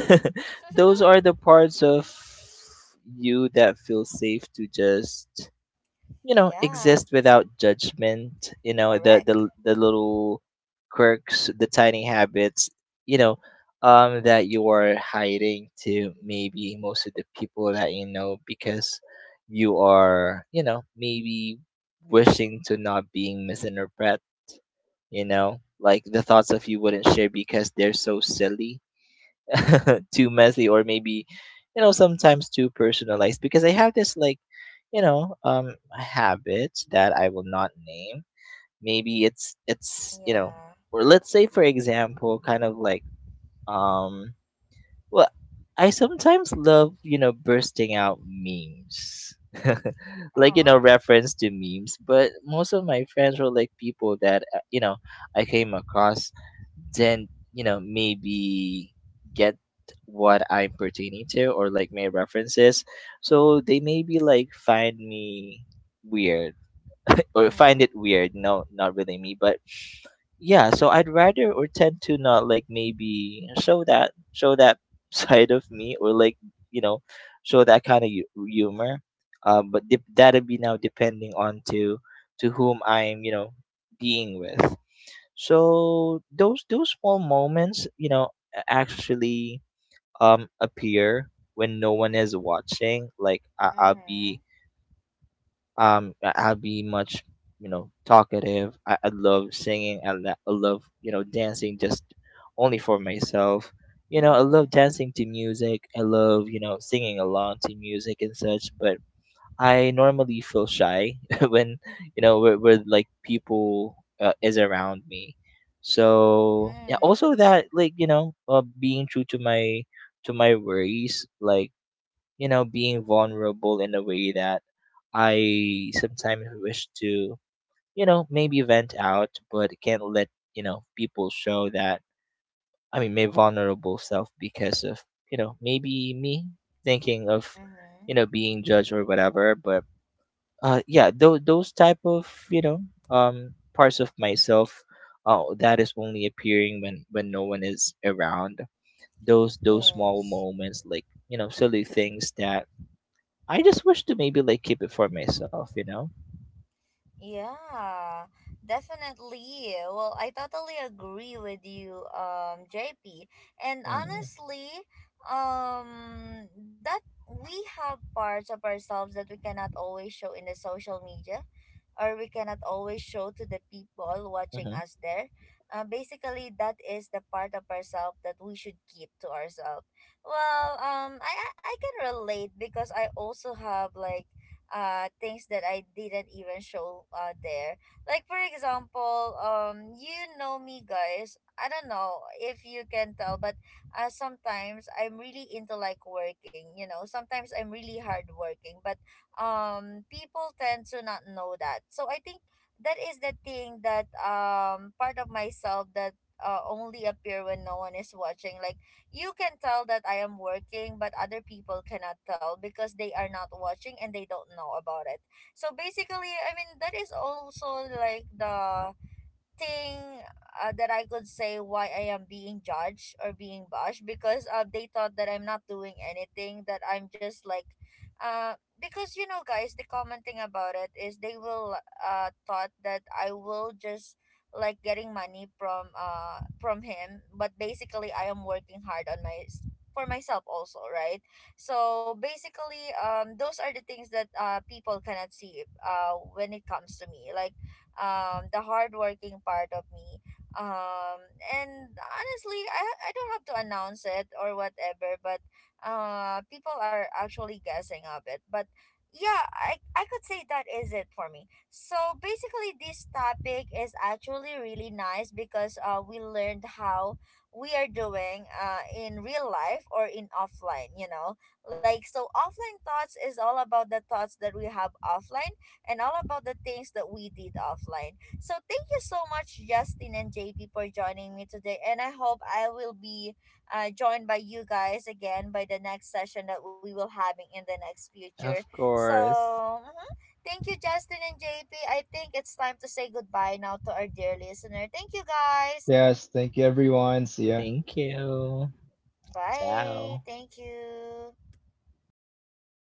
[SPEAKER 2] those are the parts of you that feel safe to just you know
[SPEAKER 1] Yeah,
[SPEAKER 2] exist without judgment you know the
[SPEAKER 1] correct.
[SPEAKER 2] the, the little quirks the tiny habits you know um that you are hiding to maybe most of the people that you know because you are you know maybe wishing to not being misinterpreted you know like the thoughts of you wouldn't share because they're so silly too messy or maybe you know sometimes too personalized because I have this like you know, um, habits that I will not name. Maybe it's it's you know,
[SPEAKER 1] Yeah.
[SPEAKER 2] or let's say for example, kind of like um, well, I sometimes love you know bursting out memes, like
[SPEAKER 1] Uh-huh.
[SPEAKER 2] you know reference to memes. But most of my friends were like people that uh, you know I came across then you know maybe get what I'm pertaining to or like my references so they maybe like find me weird or find it
[SPEAKER 1] Mm-hmm.
[SPEAKER 2] weird no not really me but yeah so I'd rather or tend to not like maybe show that show that side of me or like you know show that kind of hu- humor um but dep that'd be now depending on to to whom I'm you know being with so those those small moments, you know, a- actually um appear when no one is watching. Like I, I'll
[SPEAKER 1] Mm-hmm.
[SPEAKER 2] be um I- I'll be much you know talkative. I, I love singing. I, lo- I love you know dancing just only for myself. You know I
[SPEAKER 1] Mm-hmm.
[SPEAKER 2] love dancing to music. I love you know singing along to music and such. But I normally feel shy when you know where, where like people uh, is around me. So yeah,
[SPEAKER 1] Mm-hmm.
[SPEAKER 2] also that like you know uh, being true to my to my worries, like you know being vulnerable in a way that I sometimes wish to you know maybe vent out, but can't let you know people show that I mean my vulnerable self because of you know maybe me thinking of you
[SPEAKER 1] Mm-hmm.
[SPEAKER 2] know being judged or whatever, but uh yeah th- those type of you know um parts of myself uh that is only appearing when when no one is around those those small
[SPEAKER 1] Yes.
[SPEAKER 2] moments like you know silly things that I just wish to maybe like keep it for myself you know.
[SPEAKER 1] Yeah, definitely. Well, I totally agree with you, um, J P. And
[SPEAKER 2] Mm-hmm.
[SPEAKER 1] honestly, um, that we have parts of ourselves that we cannot always show in the social media, or we cannot always show to the people watching us there. Uh, basically, that is the part of ourselves that we should keep to ourselves. Well, um, I, I I can relate because I also have like uh things that I didn't even show uh there. Like for example, um you know me guys. I don't know if you can tell, but uh, sometimes I'm really into like working, you know. Sometimes I'm really hardworking, but um people tend to not know that. So I think that is the thing that um part of myself that uh, only appear when no one is watching, like you can tell that I am working, but other people cannot tell because they are not watching and they don't know about it. So basically, I mean, that is also like the thing uh, that I could say why I am being judged or being bashed because uh, they thought that I'm not doing anything, that I'm just like uh because you know guys the common thing about it is they will uh thought that I will just like getting money from uh from him, but basically I am working hard on my, for myself also, right? So basically um those are the things that uh people cannot see uh when it comes to me, like um, the hardworking part of me. Um, and honestly, I, I don't have to announce it or whatever, but uh, people are actually guessing of it. But yeah, I, I could say that is it for me. So basically, this topic is actually really nice because uh, we learned how we are doing uh, in real life or in offline, you know. Like, so offline thoughts is all about the thoughts that we have offline and all about the things that we did offline. So thank you so much, Justin and J P, for joining me today. And I hope I will be uh, joined by you guys again by the next session that we will having in the next future.
[SPEAKER 2] Of
[SPEAKER 1] So
[SPEAKER 2] course.
[SPEAKER 1] mhm. Thank you, Justin and J P. I think it's time to say goodbye now to our dear listener. Thank you, guys.
[SPEAKER 3] Yes. Thank you, everyone. See ya.
[SPEAKER 2] Thank you.
[SPEAKER 1] Bye.
[SPEAKER 2] Ciao.
[SPEAKER 1] Thank you.